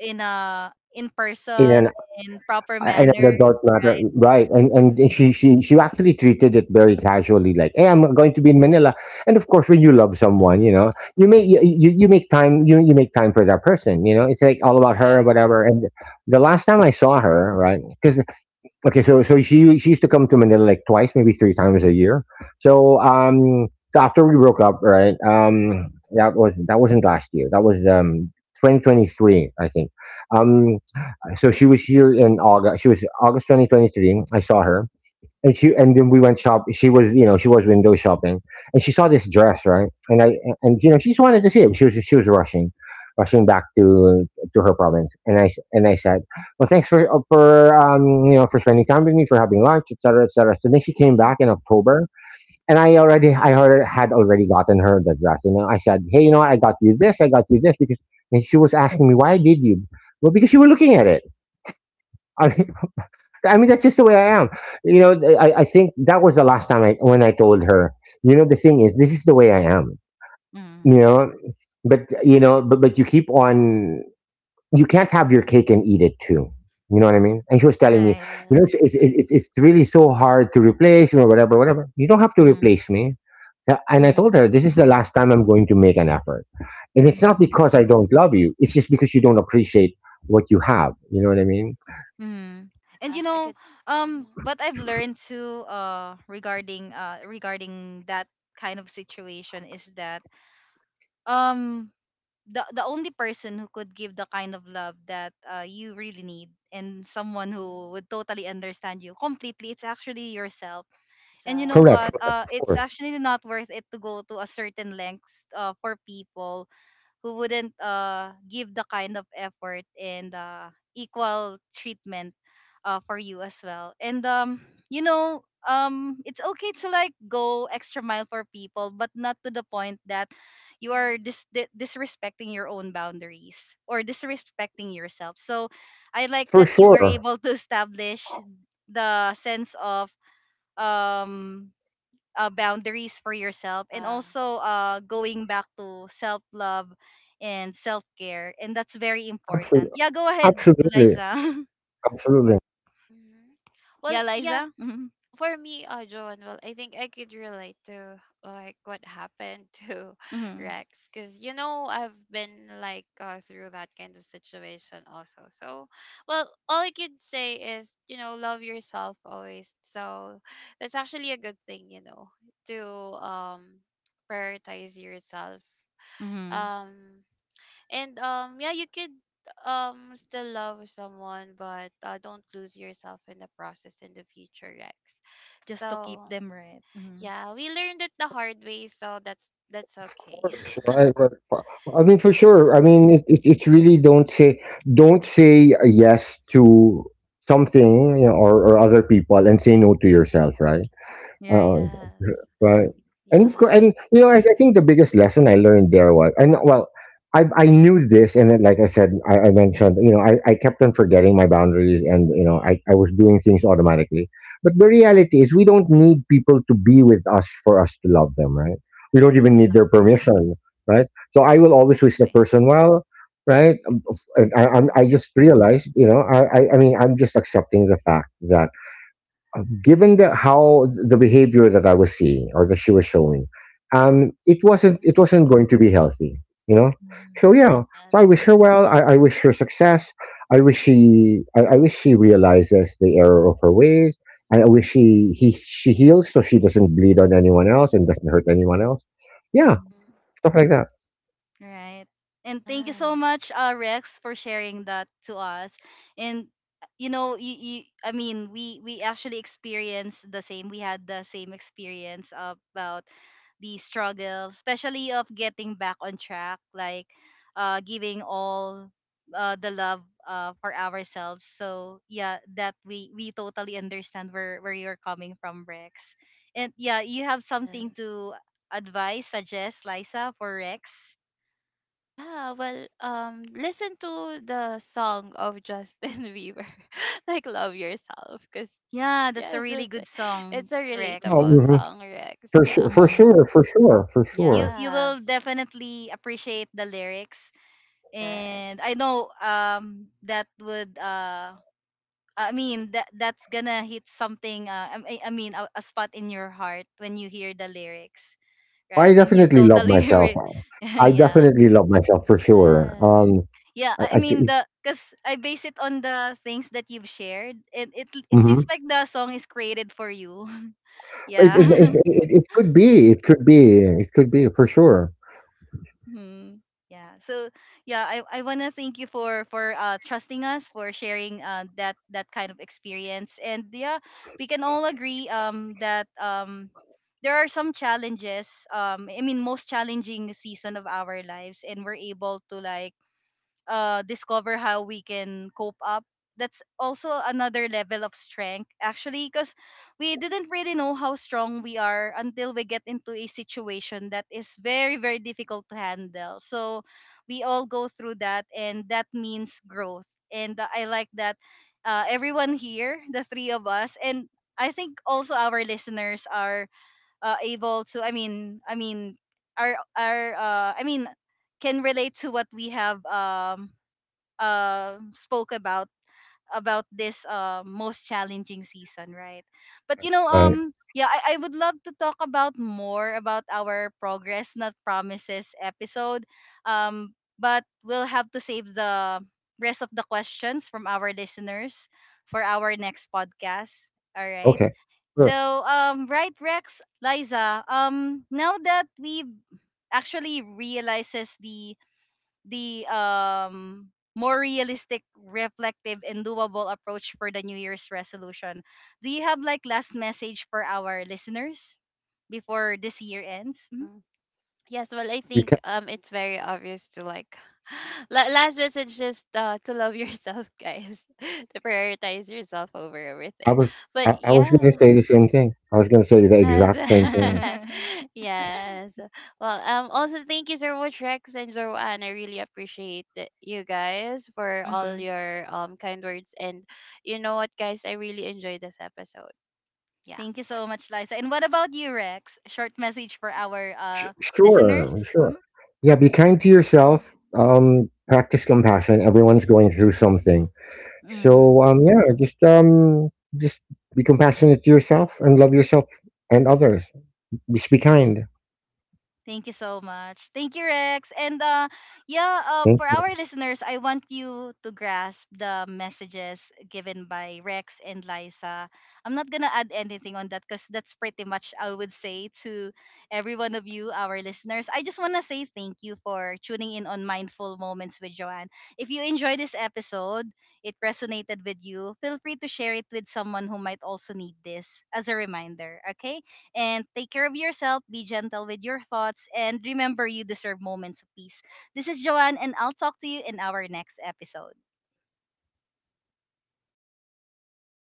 [SPEAKER 1] in a in
[SPEAKER 2] in
[SPEAKER 1] person
[SPEAKER 2] an
[SPEAKER 1] in proper manner,
[SPEAKER 2] adult matter,
[SPEAKER 1] right?
[SPEAKER 2] right? And
[SPEAKER 3] Mhm.
[SPEAKER 2] she actually treated it very casually, like, "Hey, I'm going to be in Manila." And of course, when you love someone,
[SPEAKER 3] Yeah.
[SPEAKER 2] you know, you make time you make time for that person. You know, it's like all about her,
[SPEAKER 3] Correct.
[SPEAKER 2] or whatever. And the last time I saw her, right? Because okay, so she used to come to Manila like twice, maybe three times a year. So after we broke up, right? That wasn't last year. That was 2023, I think. Um, so she was here in August. She was August 2023. I saw her, and she and then we went shop. She was, you know, she was window shopping, and she saw this dress, right, and you know she just wanted to see it. She was rushing, rushing back to her province, and and I said, well, thanks for for, you know, for spending time with me, for having lunch, etc. etc. So then she came back in October, and I had already gotten her the dress. You know, I said, hey, you know what? I got you this because, and she was asking me, why did you? Well, because you were looking at it. I mean, that's just the way I am. You know, I think that was the last time I when I told her. You know, the thing is, this is the way I am. You
[SPEAKER 1] Mm.
[SPEAKER 2] know, but you know, but you keep on. You can't have your cake and eat it too. You know what I mean? And she was telling me,
[SPEAKER 1] Right.
[SPEAKER 2] you know,
[SPEAKER 3] Yes.
[SPEAKER 2] it's really so hard to replace, or whatever, whatever. You don't have to
[SPEAKER 1] Mm-hmm.
[SPEAKER 2] replace me. And I
[SPEAKER 1] Mm-hmm.
[SPEAKER 2] told her, this is the last time I'm going to make an effort. And it's not
[SPEAKER 1] Mm-hmm.
[SPEAKER 2] because I don't love you. It's just because you don't appreciate what you have. You know what I
[SPEAKER 3] Mhm.
[SPEAKER 2] mean?
[SPEAKER 1] Mm-hmm.
[SPEAKER 3] Yeah.
[SPEAKER 1] And you
[SPEAKER 3] I could.
[SPEAKER 1] know,
[SPEAKER 3] Mhm.
[SPEAKER 1] what I've learned too, uh, regarding that kind of situation is that um the only person who could give the kind of love that you really need and someone
[SPEAKER 3] Mhm.
[SPEAKER 1] who would totally understand you completely, it's actually yourself. And you
[SPEAKER 3] Yourself.
[SPEAKER 1] know
[SPEAKER 2] Correct.
[SPEAKER 1] what?
[SPEAKER 3] Yes.
[SPEAKER 2] Of
[SPEAKER 1] It's
[SPEAKER 2] course.
[SPEAKER 1] actually not worth it to go to a certain lengths for people who wouldn't give the kind of effort and equal treatment for you as well. And you know, it's okay to like go extra mile for people, but not to the point that you
[SPEAKER 3] Mhm.
[SPEAKER 1] are disrespecting your own boundaries or disrespecting yourself. So, I like
[SPEAKER 2] For
[SPEAKER 1] that you were
[SPEAKER 2] sure.
[SPEAKER 1] able to establish the sense of um boundaries for yourself and
[SPEAKER 3] Yeah.
[SPEAKER 1] also going back to self love and self care. And that's very important.
[SPEAKER 2] Absolutely.
[SPEAKER 1] Yeah, go ahead,
[SPEAKER 2] Absolutely.
[SPEAKER 1] Liza.
[SPEAKER 2] Absolutely. Of
[SPEAKER 3] Mhm. Well,
[SPEAKER 1] Yeah,
[SPEAKER 3] yeah.
[SPEAKER 1] Liza. Mm-hmm.
[SPEAKER 3] For me, Joan, well, I think I could relate to like what happened to
[SPEAKER 1] Mm-hmm.
[SPEAKER 3] Rex, because you know I've been like through that kind of situation also. So, well, all I could say is you know love yourself always. So that's actually a good thing, you know, to um prioritize yourself.
[SPEAKER 1] Hmm.
[SPEAKER 3] Um, and yeah you could still love someone, but don't lose yourself in the process in the future, Rex.
[SPEAKER 1] Just to
[SPEAKER 3] So
[SPEAKER 1] keep them right. Mm-hmm.
[SPEAKER 3] yeah, we learned it the hard way, so that's okay.
[SPEAKER 2] course, right? I mean, for
[SPEAKER 3] Yeah.
[SPEAKER 2] sure. I mean, it's really don't say a yes to something, you know, or other people, and say no to yourself, right?
[SPEAKER 1] Right.
[SPEAKER 2] Oo,
[SPEAKER 3] Yes.
[SPEAKER 2] right. And of
[SPEAKER 3] Yeah.
[SPEAKER 2] course, and you know, I think the biggest lesson I learned there was, and well, I knew this, and then, like I said, I mentioned, you know, I kept on forgetting my boundaries, and you know, I was doing things automatically. But the reality is, we don't need people to be with us for us to love them, right? We don't even
[SPEAKER 3] Yeah.
[SPEAKER 2] need
[SPEAKER 1] Yes.
[SPEAKER 2] their permission, right? So I will always wish the
[SPEAKER 3] Exactly.
[SPEAKER 2] person well, right? And
[SPEAKER 1] Mm-hmm.
[SPEAKER 2] I just realized, you know, I'm just accepting the fact that given the how the behavior that I was seeing or that she was showing,
[SPEAKER 3] Hmm.
[SPEAKER 2] it wasn't going to be healthy, you know.
[SPEAKER 1] Mm-hmm,
[SPEAKER 2] So yeah,
[SPEAKER 3] Yes.
[SPEAKER 2] so I wish her well. I wish her success. I wish she realizes the error of her ways. I wish she heals so she doesn't bleed on anyone else and doesn't hurt anyone else. Yeah,
[SPEAKER 1] mm-hmm.
[SPEAKER 3] Mhm.
[SPEAKER 2] stuff like that.
[SPEAKER 1] All right. And thank you
[SPEAKER 3] Yes,
[SPEAKER 1] so much, Rex, for sharing that to us. And you know, we actually experienced the same. We had the same experience about the struggle, especially of getting back on track, like giving all the love for ourselves. So yeah, that we totally understand where you're coming from, Rex. And yeah, you have something
[SPEAKER 3] yes.
[SPEAKER 1] to advise, suggest, Liza, for Rex.
[SPEAKER 3] Yeah, well, listen to the song of Justin Bieber, like Love Yourself, because
[SPEAKER 1] Yeah,
[SPEAKER 3] Yes,
[SPEAKER 1] that's a really good
[SPEAKER 3] it's a
[SPEAKER 1] song,
[SPEAKER 2] Oh,
[SPEAKER 3] relatable
[SPEAKER 1] Rex.
[SPEAKER 2] mhm.
[SPEAKER 3] song, Rex.
[SPEAKER 2] For
[SPEAKER 3] Yeah.
[SPEAKER 2] sure,
[SPEAKER 1] Mhm.
[SPEAKER 2] for
[SPEAKER 1] You
[SPEAKER 2] sure.
[SPEAKER 1] you will
[SPEAKER 3] Yes.
[SPEAKER 1] definitely appreciate the lyrics,
[SPEAKER 3] Correct.
[SPEAKER 1] and I know that would that that's gonna hit something a spot in your heart when you hear the lyrics,
[SPEAKER 2] I
[SPEAKER 1] right? And you
[SPEAKER 2] definitely love
[SPEAKER 1] totally
[SPEAKER 2] myself.
[SPEAKER 1] re-
[SPEAKER 2] I
[SPEAKER 1] yeah,
[SPEAKER 2] definitely love myself for sure.
[SPEAKER 3] Yes.
[SPEAKER 1] yeah
[SPEAKER 2] I,
[SPEAKER 1] I
[SPEAKER 2] I,
[SPEAKER 1] mean
[SPEAKER 2] it's,
[SPEAKER 1] the because I base it on the things that you've shared, and it
[SPEAKER 2] mm-hmm.
[SPEAKER 1] seems like the song is created for you,
[SPEAKER 2] It
[SPEAKER 1] yeah.
[SPEAKER 2] could be, it could be for sure,
[SPEAKER 1] Hmm. Yeah. So yeah, I wanna thank you for trusting us for sharing that that kind of experience. And yeah, we can all agree that there are some challenges I mean most challenging season of our lives and we're able to like discover how we can cope up. That's also another level of strength, actually, because we didn't really know how strong we are until we get into a situation that is very, very difficult to handle. So we all go through that, and that means growth. And I like that everyone here, the three of us, and I think also our listeners are able to. I mean, are can relate to what we have uh, spoke about this most challenging season, right? But you know,
[SPEAKER 2] right?
[SPEAKER 1] yeah, I would love to talk about more about our progress, not promises episode. But we'll have to save the rest of the questions from our listeners for our next podcast. All right.
[SPEAKER 2] Okay. Sure.
[SPEAKER 1] So, right, Rex, Liza, now that we've actually realizes the more realistic, reflective, and doable approach for the New Year's resolution. Do you have like last message for our listeners before this year ends?
[SPEAKER 3] Mhm.
[SPEAKER 1] Mhm.
[SPEAKER 3] Yes, well, I think
[SPEAKER 2] You can,
[SPEAKER 3] it's very obvious to like last message just to love yourself, guys. To prioritize yourself over everything.
[SPEAKER 2] I was
[SPEAKER 3] But
[SPEAKER 2] I was
[SPEAKER 3] yeah.
[SPEAKER 2] gonna say the same thing. I was gonna say the
[SPEAKER 3] Yes.
[SPEAKER 2] exact same thing.
[SPEAKER 3] Yes. Well, um, also thank you so much Rex and Joanne. I really appreciate that you guys for all
[SPEAKER 1] Mhm.
[SPEAKER 3] your kind words. And you know what guys, I really enjoyed this episode. Yeah.
[SPEAKER 1] Thank you so much, Liza. And what about you, Rex? Short message for our
[SPEAKER 2] Su
[SPEAKER 1] listeners.
[SPEAKER 2] sure, sure. Yeah, be kind to yourself, practice compassion, everyone's going through something.
[SPEAKER 1] Mhm.
[SPEAKER 2] So, yeah, just be compassionate to yourself and love yourself and others. Just be kind.
[SPEAKER 1] Thank you so much. Thank you, Rex. And yeah,
[SPEAKER 2] Thank
[SPEAKER 1] for
[SPEAKER 2] you.
[SPEAKER 1] our listeners, I want you to grasp the messages given by Rex and Liza. I'm not gonna add anything on that because that's pretty much I would say to every one of you, our listeners. I just wanna say thank you for tuning in on Mindful Moments with Joanne. If you enjoy this episode, it resonated with you, feel free to share it with someone who might also need this as a reminder. Okay. And take care of yourself, be gentle with your thoughts, and remember you deserve moments of peace. This is Joanne, and I'll talk to you in our next episode.